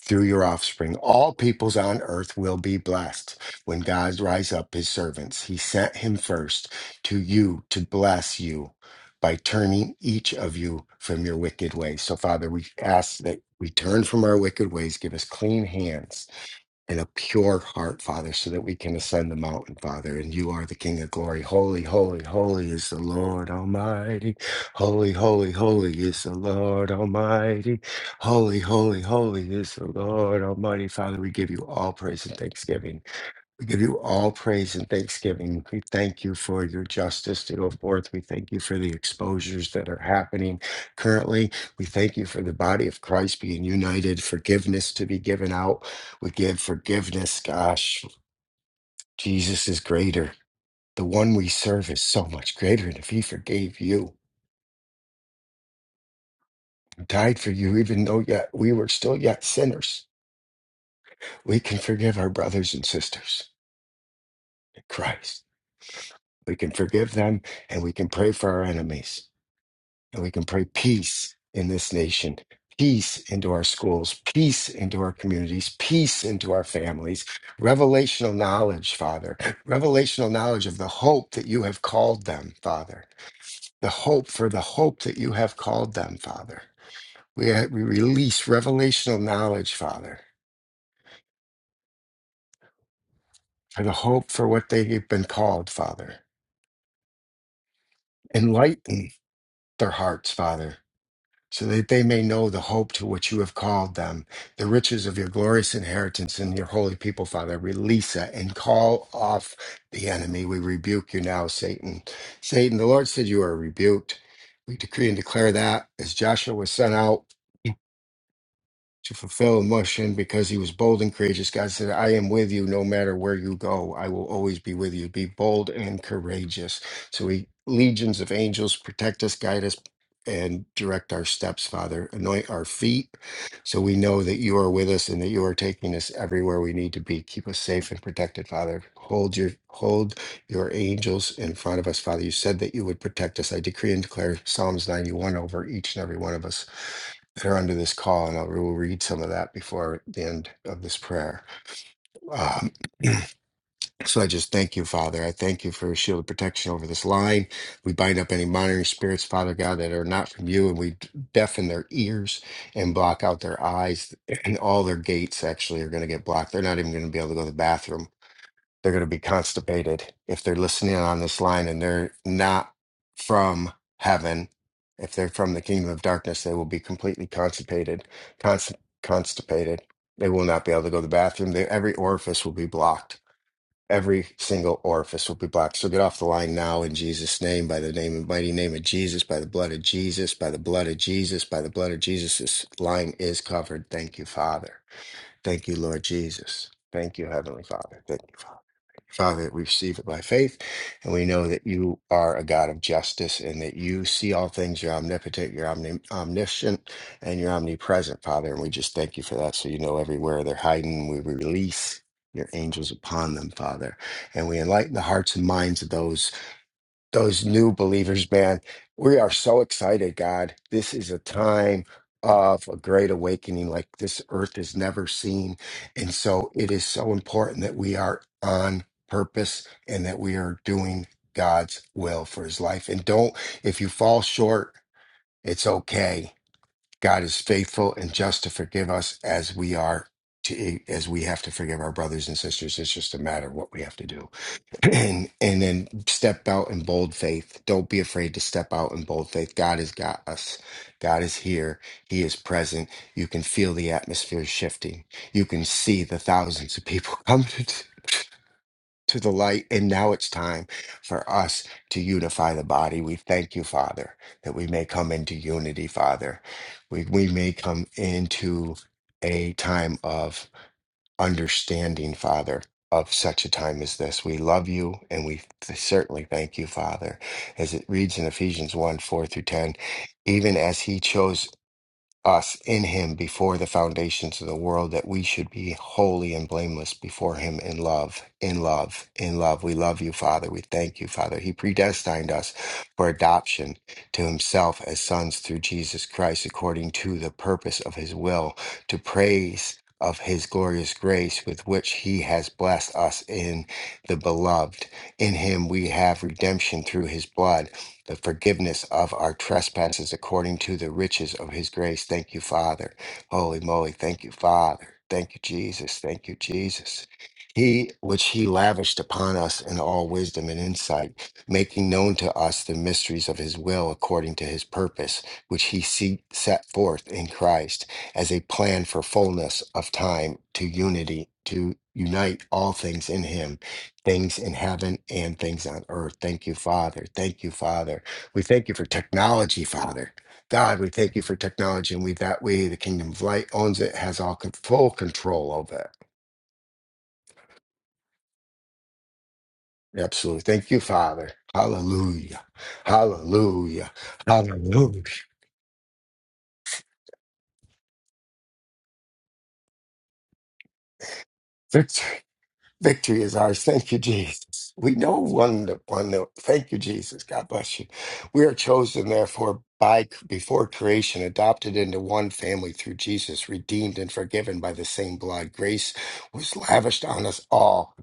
Speaker 4: through your offspring. All peoples on earth will be blessed when God rise up his servants. He sent him first to you to bless you by turning each of you from your wicked ways. So, Father, we ask that we turn from our wicked ways, give us clean hands and a pure heart, Father, so that we can ascend the mountain, Father. And you are the King of glory. Holy, holy, holy is the Lord Almighty. Holy, holy, holy is the Lord Almighty. Holy, holy, holy is the Lord Almighty. Father, we give you all praise and thanksgiving. We give you all praise and thanksgiving. We thank you for your justice to go forth. We thank you for the exposures that are happening currently. We thank you for the body of Christ being united, forgiveness to be given out. We give forgiveness. Gosh, Jesus is greater. The one we serve is so much greater. And if he forgave you, died for you, even though yet we were still yet sinners, we can forgive our brothers and sisters in Christ. We can forgive them and we can pray for our enemies. And we can pray peace in this nation, peace into our schools, peace into our communities, peace into our families, revelational knowledge, Father, revelational knowledge of the hope that you have called them, Father, the hope for the hope that you have called them, Father. We, uh, we release revelational knowledge, Father, for the hope for what they've been called, Father. Enlighten their hearts, Father so that they may know the hope to which you have called them, the riches of your glorious inheritance in your holy people, Father. Release that and call off the enemy. We rebuke you now, Satan. Satan, the Lord said you are rebuked. We decree and declare that as Joshua was sent out to fulfill a mission because he was bold and courageous. God said, I am with you no matter where you go. I will always be with you. Be bold and courageous. So he legions of angels protect us, guide us, and direct our steps, Father. Anoint our feet so we know that you are with us and that you are taking us everywhere we need to be. Keep us safe and protected, Father. Hold your hold your angels in front of us, Father. You said that you would protect us. I decree and declare Psalms 91 over each and every one of us that are under this call, and I will read some of that before the end of this prayer. Um, so I just thank you, Father. I thank you for a shield of protection over this line. We bind up any monitoring spirits, Father God, that are not from you, and we deafen their ears and block out their eyes, and all their gates actually are going to get blocked. They're not even going to be able to go to the bathroom they're going to be constipated if they're listening on this line and they're not from heaven if they're from the kingdom of darkness they will be completely constipated const- constipated they will not be able to go to the bathroom they, every orifice will be blocked every single orifice will be blocked so get off the line now in jesus name by the name and mighty name of jesus by the blood of jesus by the blood of jesus by the blood of jesus this line is covered thank you father thank you lord jesus thank you heavenly father thank you father Father, we receive it by faith, and we know that you are a God of justice and that you see all things. You're omnipotent, you're omni- omniscient, and you're omnipresent, Father. And we just thank you for that. So you know everywhere they're hiding, we release your angels upon them, Father. And we enlighten the hearts and minds of those those new believers, man. We are so excited, God. This is a time of a great awakening like this earth has never seen. And so it is so important that we are on purpose and that we are doing God's will for his life. And don't, if you fall short, it's okay. God is faithful and just to forgive us as we are to as we have to forgive our brothers and sisters. It's just a matter of what we have to do and and then step out in bold faith. Don't be afraid to step out in bold faith. God has got us. God is here. He is present. You can feel the atmosphere shifting. You can see the thousands of people come to, to the light. And now it's time for us to unify the body. We thank you, Father, that we may come into unity, Father. We we may come into a time of understanding, Father, of such a time as this. We love you and we th- certainly thank you, Father. As it reads in Ephesians 1 4 through 10, even as he chose us in him before the foundations of the world that we should be holy and blameless before him in love in love in love we love you father we thank you father he predestined us for adoption to himself as sons through jesus christ according to the purpose of his will to praise of his glorious grace with which he has blessed us in the beloved in him we have redemption through his blood the forgiveness of our trespasses according to the riches of his grace. Thank you, Father. Holy moly. Thank you, Father. Thank you, Jesus. Thank you, Jesus. He, which he lavished upon us in all wisdom and insight, making known to us the mysteries of his will according to his purpose, which he se- set forth in Christ as a plan for fullness of time to unity, to unite all things in him things in heaven and things on earth. Thank you, Father. Thank you, Father. We thank you for technology, Father. God, we thank you for technology, and we that way the kingdom of light owns it, has all con- full control over it. Absolutely. Thank you, Father. Hallelujah. Hallelujah. Hallelujah. Victory. Victory is ours. Thank you, Jesus. We know one that one that. Thank you, Jesus. God bless you. We are chosen, therefore, by before creation, adopted into one family through Jesus, redeemed and forgiven by the same blood. Grace was lavished on us all,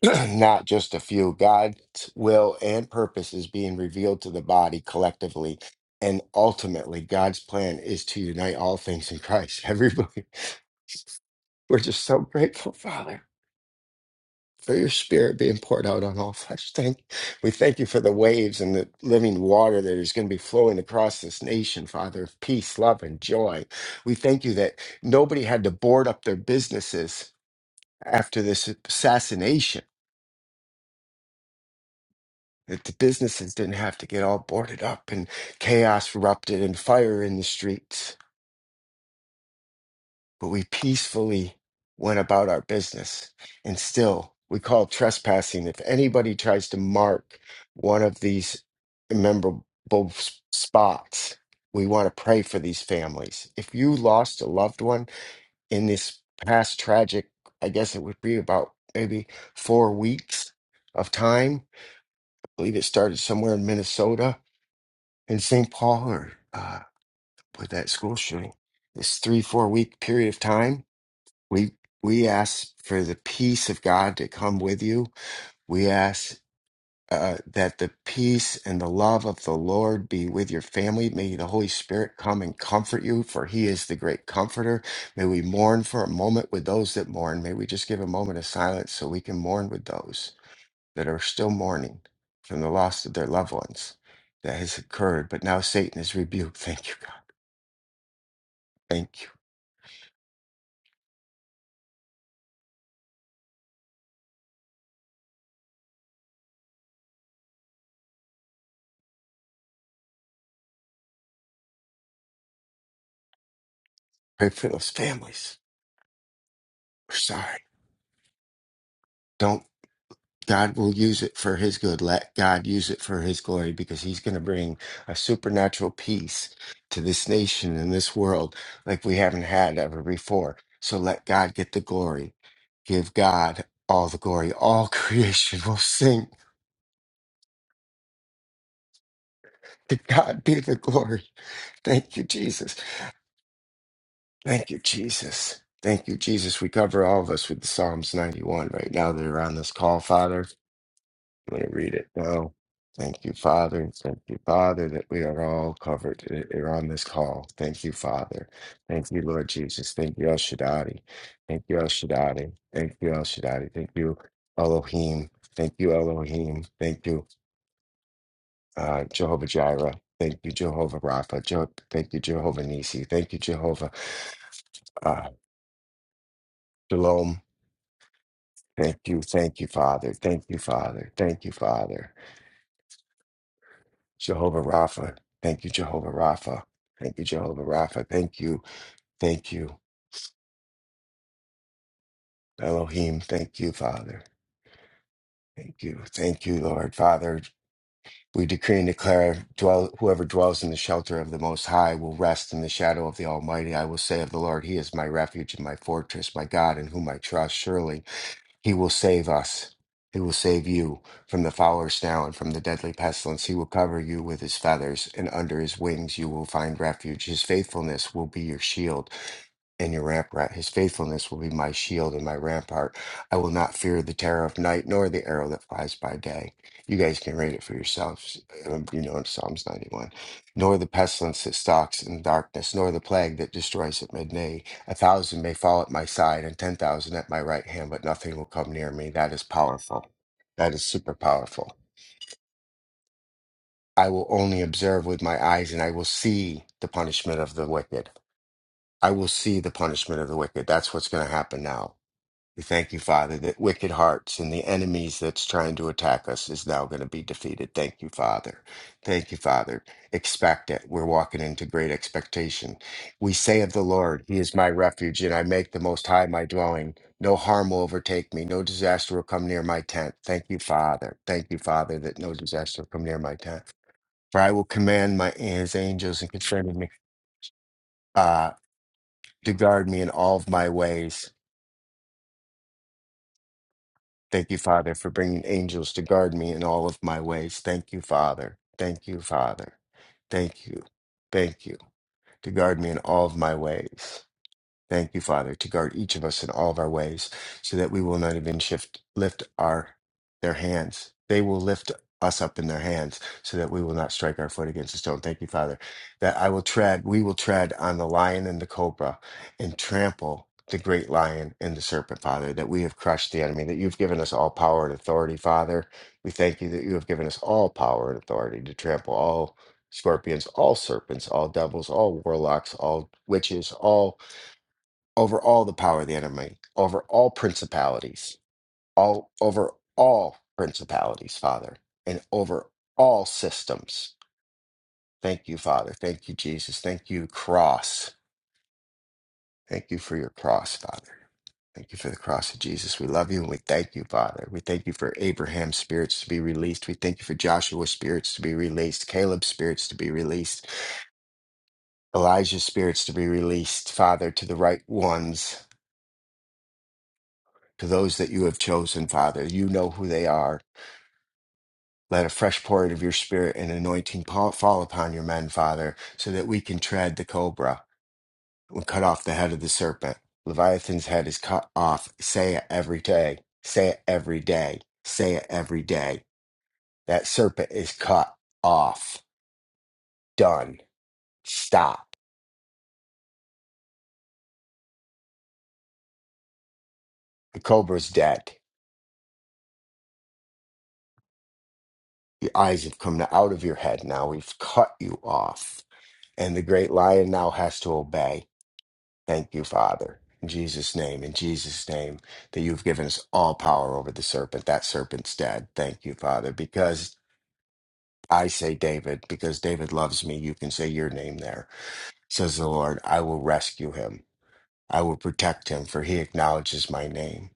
Speaker 4: not just a few. God's will and purpose is being revealed to the body collectively. And ultimately, God's plan is to unite all things in Christ. Everybody, we're just so grateful, Father for your spirit being poured out on all flesh. Thank we thank you for the waves and the living water that is going to be flowing across this nation, Father, of peace, love, and joy. We thank you that nobody had to board up their businesses after this assassination. That the businesses didn't have to get all boarded up and chaos erupted and fire in the streets but we peacefully went about our business. And still, we call trespassing if anybody tries to mark one of these memorable s- spots. We want to pray for these families. If you lost a loved one in this past tragic, I guess it would be about maybe four weeks of time. I believe it started somewhere in Minnesota, in St. Paul, or uh, with that school shooting. This three, four week period of time we we ask for the peace of God to come with you. We ask uh, that the peace and the love of the Lord be with your family. May the Holy Spirit come and comfort you, for He is the great comforter. May we mourn for a moment with those that mourn. May we just give a moment of silence so we can mourn with those that are still mourning from the loss of their loved ones that has occurred. But now Satan is rebuked. Thank you, God. Thank you. Pray for those families. We're sorry. Don't. God will use it for his good. Let God use it for his glory because he's going to bring a supernatural peace to this nation and this world like we haven't had ever before. So let God get the glory. Give God all the glory. All creation will sing. To God be the glory. Thank you, Jesus. Thank you, Jesus. Thank you, Jesus. We cover all of us with the Psalms 91 right now that are on this call, Father. I'm going to read it now. Thank you, Father. Thank you, Father, that we are all covered i- are on this call. Thank you, Father. Thank you, Lord Jesus. Thank you, El Shaddai. Thank you, El Shaddai. Thank you, El Shaddai. Thank you, Elohim. Thank you, Elohim. Thank you, uh, Jehovah Jireh. Thank you, Jehovah Rapha. Je- thank you, Jehovah Nisi. Thank you, Jehovah uh, Shalom. Thank you, thank you, Father. Thank you, Father. Thank you, Father. Jehovah Rapha. Thank you, Jehovah Rapha. Thank you, Jehovah Rapha. Thank you. Thank you, Elohim. Thank you, Father. Thank you. Thank you, Lord. Father, we decree and declare dwell, whoever dwells in the shelter of the Most High will rest in the shadow of the Almighty. I will say of the Lord, He is my refuge and my fortress, my God in whom I trust. Surely. He will save us. He will save you from the fowler snare and from the deadly pestilence. He will cover you with his feathers, and under his wings you will find refuge. His faithfulness will be your shield and your rampart. His faithfulness will be my shield and my rampart. I will not fear the terror of night, nor the arrow that flies by day. You guys can read it for yourselves. um, You know, in Psalms 91. Nor the pestilence that stalks in darkness, nor the plague that destroys at midday. A thousand may fall at my side and 10,000 at my right hand, but nothing will come near me. That is powerful. That is super powerful. I will only observe with my eyes and I will see the punishment of the wicked. I will see the punishment of the wicked. That's what's going to happen now We thank you, Father, that wicked hearts and the enemies that's trying to attack us is now going to be defeated. Thank you, Father. Thank you, Father. Expect it. We're walking into great expectation. We say of the Lord, He is my refuge, and I make the Most High my dwelling. No harm will overtake me. No disaster will come near my tent. Thank you, Father. Thank you, Father, that no disaster will come near my tent. For I will command my His angels and concerning me uh, to guard me in all of my ways. Thank you, Father, for bringing angels to guard me in all of my ways. Thank you, Father. Thank you, Father. Thank you. Thank you. To guard me in all of my ways. Thank you, Father, to guard each of us in all of our ways, so that we will not even shift lift our their hands. They will lift us up in their hands, so that we will not strike our foot against a stone. Thank you, Father, that I will tread, we will tread on the lion and the cobra, and trample the great lion and the serpent, Father, that we have crushed the enemy, that you've given us all power and authority, Father. We thank you that you have given us all power and authority to trample all scorpions, all serpents, all devils, all warlocks, all witches, all over all the power of the enemy, over all principalities, all over all principalities, Father, and over all systems. Thank you, Father. Thank you, Jesus. Thank you, cross. Thank you for your cross, Father. Thank you for the cross of Jesus. We love you and we thank you, Father. We thank you for Abraham's spirits to be released. We thank you for Joshua's spirits to be released, Caleb's spirits to be released, Elijah's spirits to be released, Father, to the right ones. to those that you have chosen, Father. You know who they are. Let a fresh pouring of your spirit and anointing pa- fall upon your men, Father, so that we can tread the cobra and cut off the head of the serpent. Leviathan's head is cut off. Say it every day. Say it every day. Say it every day. That serpent is cut off. Done. Stop. The cobra's dead. The eyes have come out of your head now. We've cut you off. And the great lion now has to obey Thank you, Father, in Jesus' name, in Jesus' name, that you've given us all power over the serpent. That serpent's dead. Thank you, Father, because I say David, because David loves me, you can say your name there, says the Lord. I will rescue him, I will protect him, for he acknowledges my name.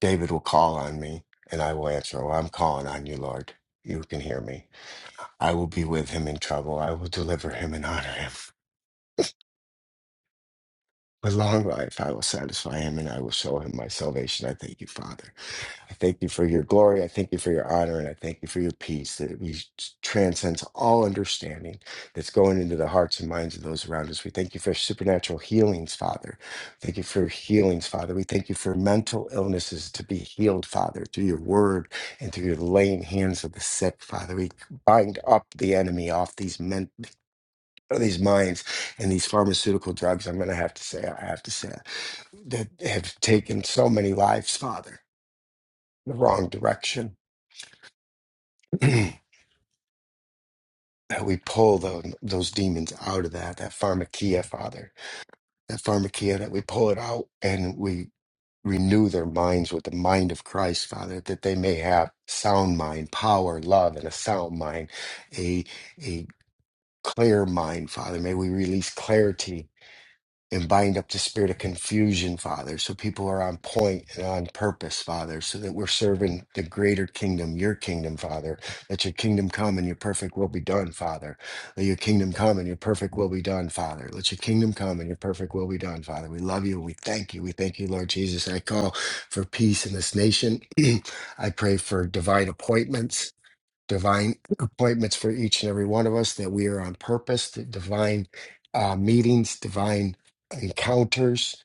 Speaker 4: David will call on me, and I will answer. Well, I'm calling on you, Lord. You can hear me. I will be with him in trouble, I will deliver him and honor him. With long life, I will satisfy him and I will show him my salvation. I thank you, Father. I thank you for your glory. I thank you for your honor. And I thank you for your peace that we transcends all understanding that's going into the hearts and minds of those around us. We thank you for supernatural healings, Father. Thank you for healings, Father. We thank you for mental illnesses to be healed, Father, through your word and through your laying hands of the sick, Father. We bind up the enemy off these men, these minds and these pharmaceutical drugs. I'm going to have to say, I have to say, that have taken so many lives, Father the wrong direction. that we pull those, those demons out of that, that pharmakia, Father, that pharmakia, that we pull it out and we renew their minds with the mind of Christ, Father, that they may have sound mind, power, love, and a sound mind, a, a clear mind, Father. May we release clarity and bind up the spirit of confusion, Father, so people are on point and on purpose, Father, so that we're serving the greater kingdom, your kingdom, Father. Let your kingdom come and your perfect will be done, Father. Let your kingdom come and your perfect will be done, Father. Let your kingdom come and your perfect will be done, Father. We love you. We thank you. We thank you, Lord Jesus. I call for peace in this nation. I pray for divine appointments divine appointments for each and every one of us, that we are on purpose, the divine uh, meetings, divine encounters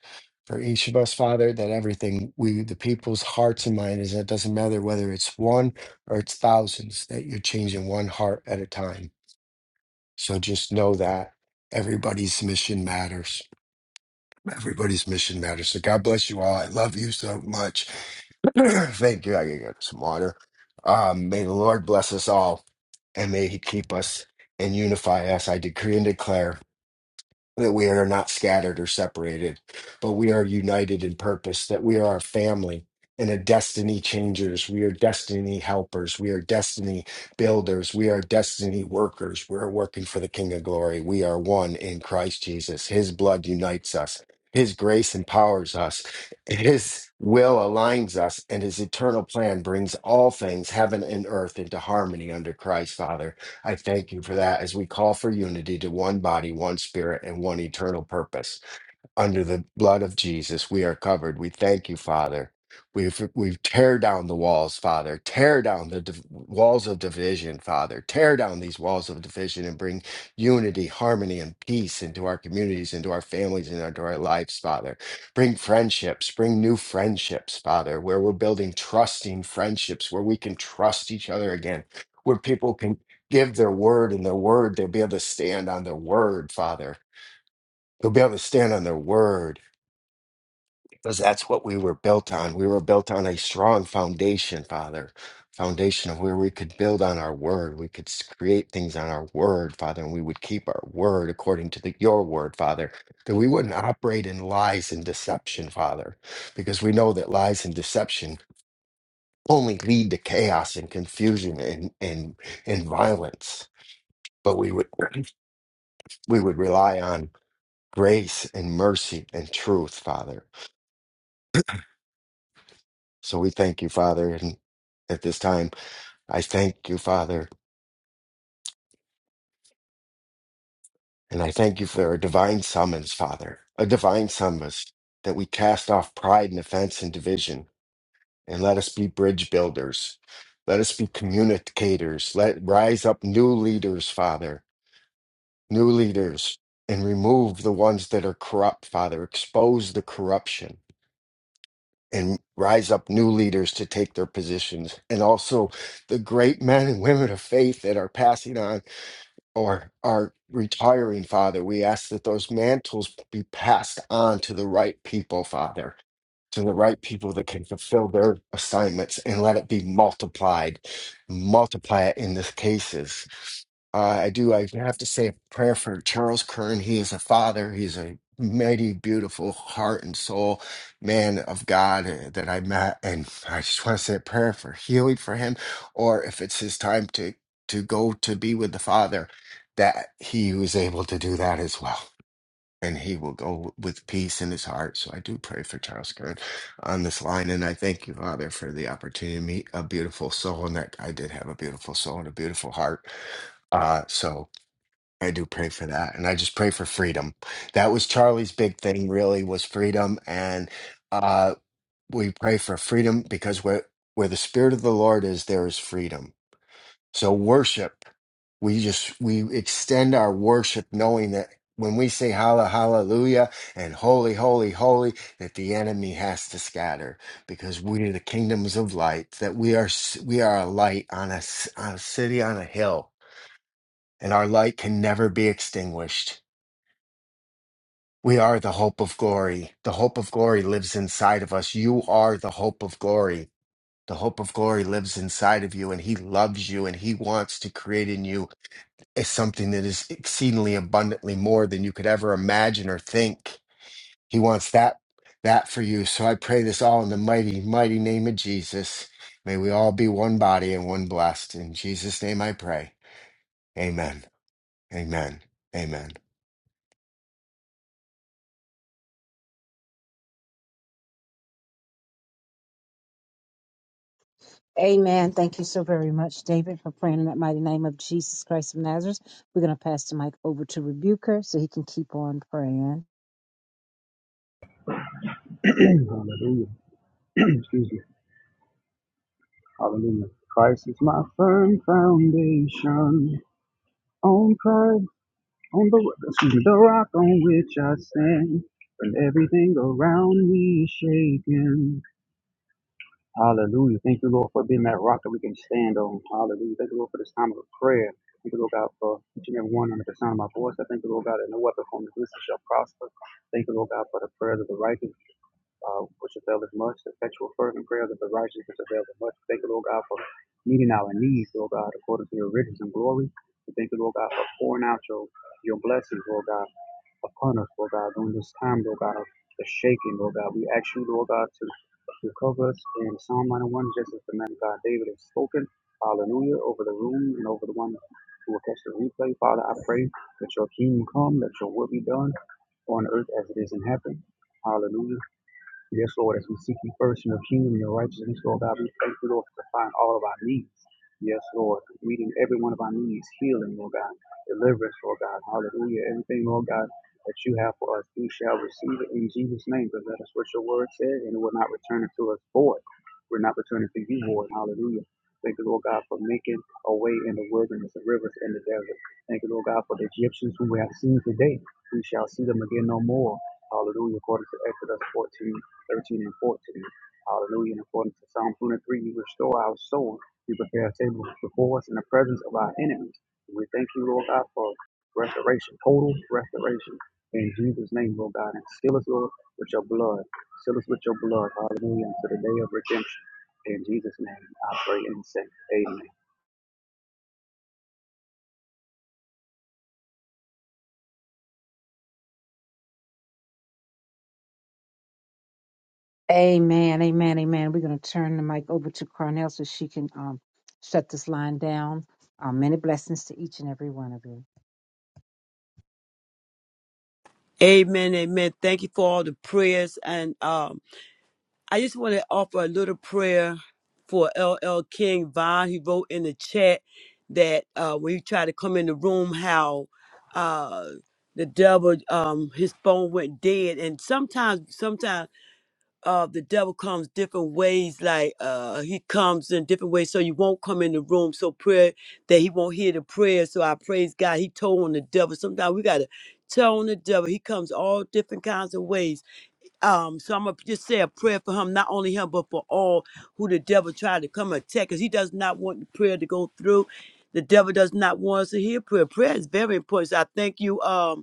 Speaker 4: for each of us, Father, that everything we, the people's hearts and mind is, it doesn't matter whether it's one or it's thousands, that you're changing one heart at a time. So just know that everybody's mission matters. Everybody's mission matters. So God bless you all. I love you so much. Thank you. I gotta get some water. Um, may the Lord bless us all, and may He keep us and unify us. I decree and declare that we are not scattered or separated, but we are united in purpose, that we are a family and a destiny changers. We are destiny helpers. We are destiny builders. We are destiny workers. We're working for the King of Glory. We are one in Christ Jesus. His blood unites us. His grace empowers us. His will aligns us, and his eternal plan brings all things, heaven and earth, into harmony under Christ, Father. I thank you for that as we call for unity to one body, one spirit, and one eternal purpose under the blood of Jesus, we are covered. We thank you, Father. We've we've tear down the walls, Father. Tear down the div- walls of division, Father. Tear down these walls of division and bring unity, harmony, and peace into our communities, into our families, and into our lives, Father. Bring friendships. Bring new friendships, Father, where we're building trusting friendships, where we can trust each other again, where people can give their word and their word, they'll be able to stand on their word, Father. They'll be able to stand on their word because that's what we were built on. We were built on a strong foundation, Father, foundation of where we could build on our word. We could s- create things on our word, Father, and we would keep our word according to the, your word, Father, that we wouldn't operate in lies and deception, Father, because we know that lies and deception only lead to chaos and confusion and and, and violence. But we would we would rely on grace and mercy and truth, Father. So we thank you, Father, and at this time. I thank you, Father, and I thank you for a divine summons, Father, a divine summons that we cast off pride and offense and division, and let us be bridge builders. Let us be communicators. Let rise up new leaders, Father, new leaders, and remove the ones that are corrupt, Father. Expose the corruption and rise up new leaders to take their positions, and also the great men and women of faith that are passing on or our retiring father we ask that those mantles be passed on to the right people father to the right people that can fulfill their assignments and let it be multiplied. Multiply it in these cases. Uh, I do. I have to say a prayer for Charles Kern. He is a father. He's a mighty, beautiful heart and soul man of God uh, that I met, and I just want to say a prayer for healing for him, or if it's his time to to go to be with the Father, that he was able to do that as well and he will go with peace in his heart. So I do pray for Charles Kern on this line. And I thank you, Father, for the opportunity to meet a beautiful soul. And that I did have a beautiful soul and a beautiful heart. Uh, so I do pray for that. And I just pray for freedom. That was Charlie's big thing, really, was freedom. And uh, we pray for freedom because where, where the Spirit of the Lord is, there is freedom so worship, we just we extend our worship knowing that when we say halla hallelujah and holy holy holy that the enemy has to scatter because we are the kingdoms of light that we are s- we are a light on a, s- on a city on a hill and our light can never be extinguished. We are the hope of glory. The hope of glory lives inside of us. You are the hope of glory. The hope of glory lives inside of you and he loves you and he wants to create in you is something that is exceedingly abundantly more than you could ever imagine or think. He wants that that for you. So I pray this all in the mighty, mighty name of Jesus. May we all be one body and one blessed. In Jesus' name I pray. Amen. Amen. Amen.
Speaker 3: Amen. Thank you so very much, David, for praying in that mighty name of Jesus Christ of Nazareth. We're going to pass the mic over to Rebuker so he can keep on praying.
Speaker 5: Hallelujah. Excuse me. Hallelujah. Christ is my firm foundation. On Christ, on the excuse me, the rock on which I stand. When everything around me is shaking. Hallelujah. Thank you, Lord, for being that rock that we can stand on. Hallelujah. Thank you, Lord, for this time of prayer. Thank you, Lord God, for each and every one under the sound of my voice. I thank you, Lord God, that no weapon formed against us shall prosper. Thank you, Lord God, for the prayers of the righteous uh, which availeth much. The effectual fervent prayers of the righteous, which availeth much. Thank you, Lord God, for meeting our needs, Lord God, according to your riches and glory. We thank you, Lord God, for pouring out your, your blessings, Lord God, upon us, Lord God, during this time, Lord God, of the shaking, Lord God. We ask you, Lord God, to, to cover us in Psalm 91, just as the man of God David has spoken. Hallelujah, over the room and over the one who will catch the replay. Father, I pray that your kingdom come, that your will be done on earth as it is in heaven. Hallelujah. Yes, Lord, as we seek you first in your kingdom and your righteousness, Lord God, we thank you, Lord, for supplying all of our needs. Yes, Lord, meeting every one of our needs, healing, Lord God, deliverance, Lord God, hallelujah. Everything, Lord God, that you have for us, we shall receive it in Jesus' name, because that is what your word says, and it will not return it to us void. We're not returning to you void, hallelujah. Thank you, Lord God, for making a way in the wilderness, the rivers, and the desert. Thank you, Lord God, for the Egyptians who we have seen today. We shall see them again no more. Hallelujah. According to Exodus 14 13 and 14. Hallelujah. And according to Psalm 23, you restore our soul. You prepare a table before us in the presence of our enemies. And We thank you, Lord God, for restoration, total restoration. In Jesus' name, Lord God, and seal us, Lord, with your blood. Seal us with your blood. Hallelujah. Until the day of redemption. In Jesus' name, I pray and say, Amen.
Speaker 3: Amen. Amen. Amen. We're going to turn the mic over to Carnell so she can um, shut this line down. Um, many blessings to each and every one of you.
Speaker 1: Amen. Amen. Thank you for all the prayers and um I just want to offer a little prayer for LL King Von. He wrote in the chat that uh, when he tried to come in the room, how uh, the devil, um, his phone went dead. And sometimes, sometimes uh, the devil comes different ways. Like uh, he comes in different ways, so you won't come in the room. So prayer that he won't hear the prayer. So I praise God. He told on the devil. Sometimes we gotta tell on the devil. He comes all different kinds of ways. Um, so I'm gonna just say a prayer for him, not only him, but for all who the devil tried to come and attack, because he does not want the prayer to go through. The devil does not want us to hear prayer. Prayer is very important. So I thank you. Um,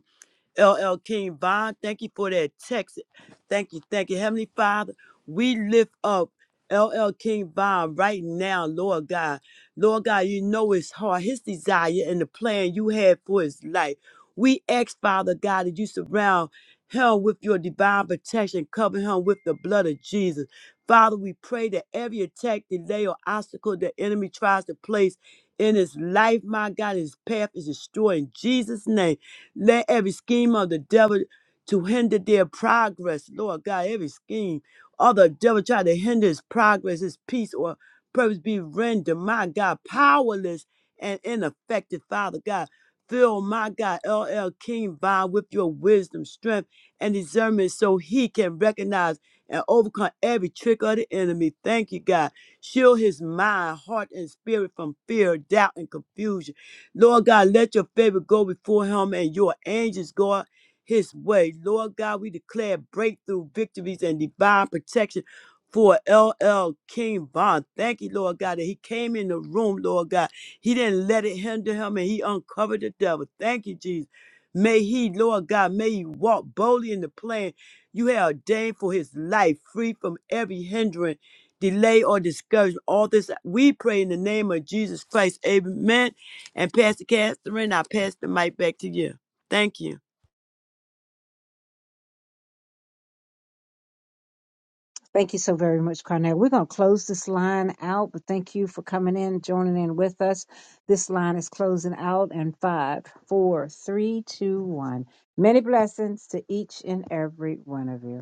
Speaker 1: L. L. King Von. Thank you for that text. Thank you, thank you. Heavenly Father, we lift up L. L. King Von right now, Lord God. Lord God, you know his heart, his desire, and the plan you had for his life. We ask, Father God, that you surround him with your divine protection, cover him with the blood of Jesus. Father, we pray that every attack, delay, or obstacle the enemy tries to place in his life, my God, his path is destroyed in Jesus' name. Let every scheme of the devil to hinder their progress, Lord God, every scheme of the devil try to hinder his progress, his peace, or purpose be rendered, my God, powerless and ineffective, Father God. Fill my God, L. L. King Vine, with your wisdom, strength, and discernment so he can recognize and overcome every trick of the enemy. Thank you, God. Shield his mind, heart, and spirit from fear, doubt, and confusion. Lord God, let your favor go before him and your angels go out his way. Lord God, we declare breakthrough victories and divine protection for L. L. King Bond. Thank you, Lord God, that he came in the room, Lord God. He didn't let it hinder him and he uncovered the devil. Thank you, Jesus. May he, Lord God, may he walk boldly in the plan you have ordained for his life, free from every hindrance, delay, or discouragement. All this we pray in the name of Jesus Christ. Amen and Pastor Catherine, I pass the mic back to you. Thank you.
Speaker 3: Thank you so very much, Carnell. We're going to close this line out, but thank you for coming in, joining in with us. This line is closing out in five, four, three, two, one. Many blessings to each and every one of you.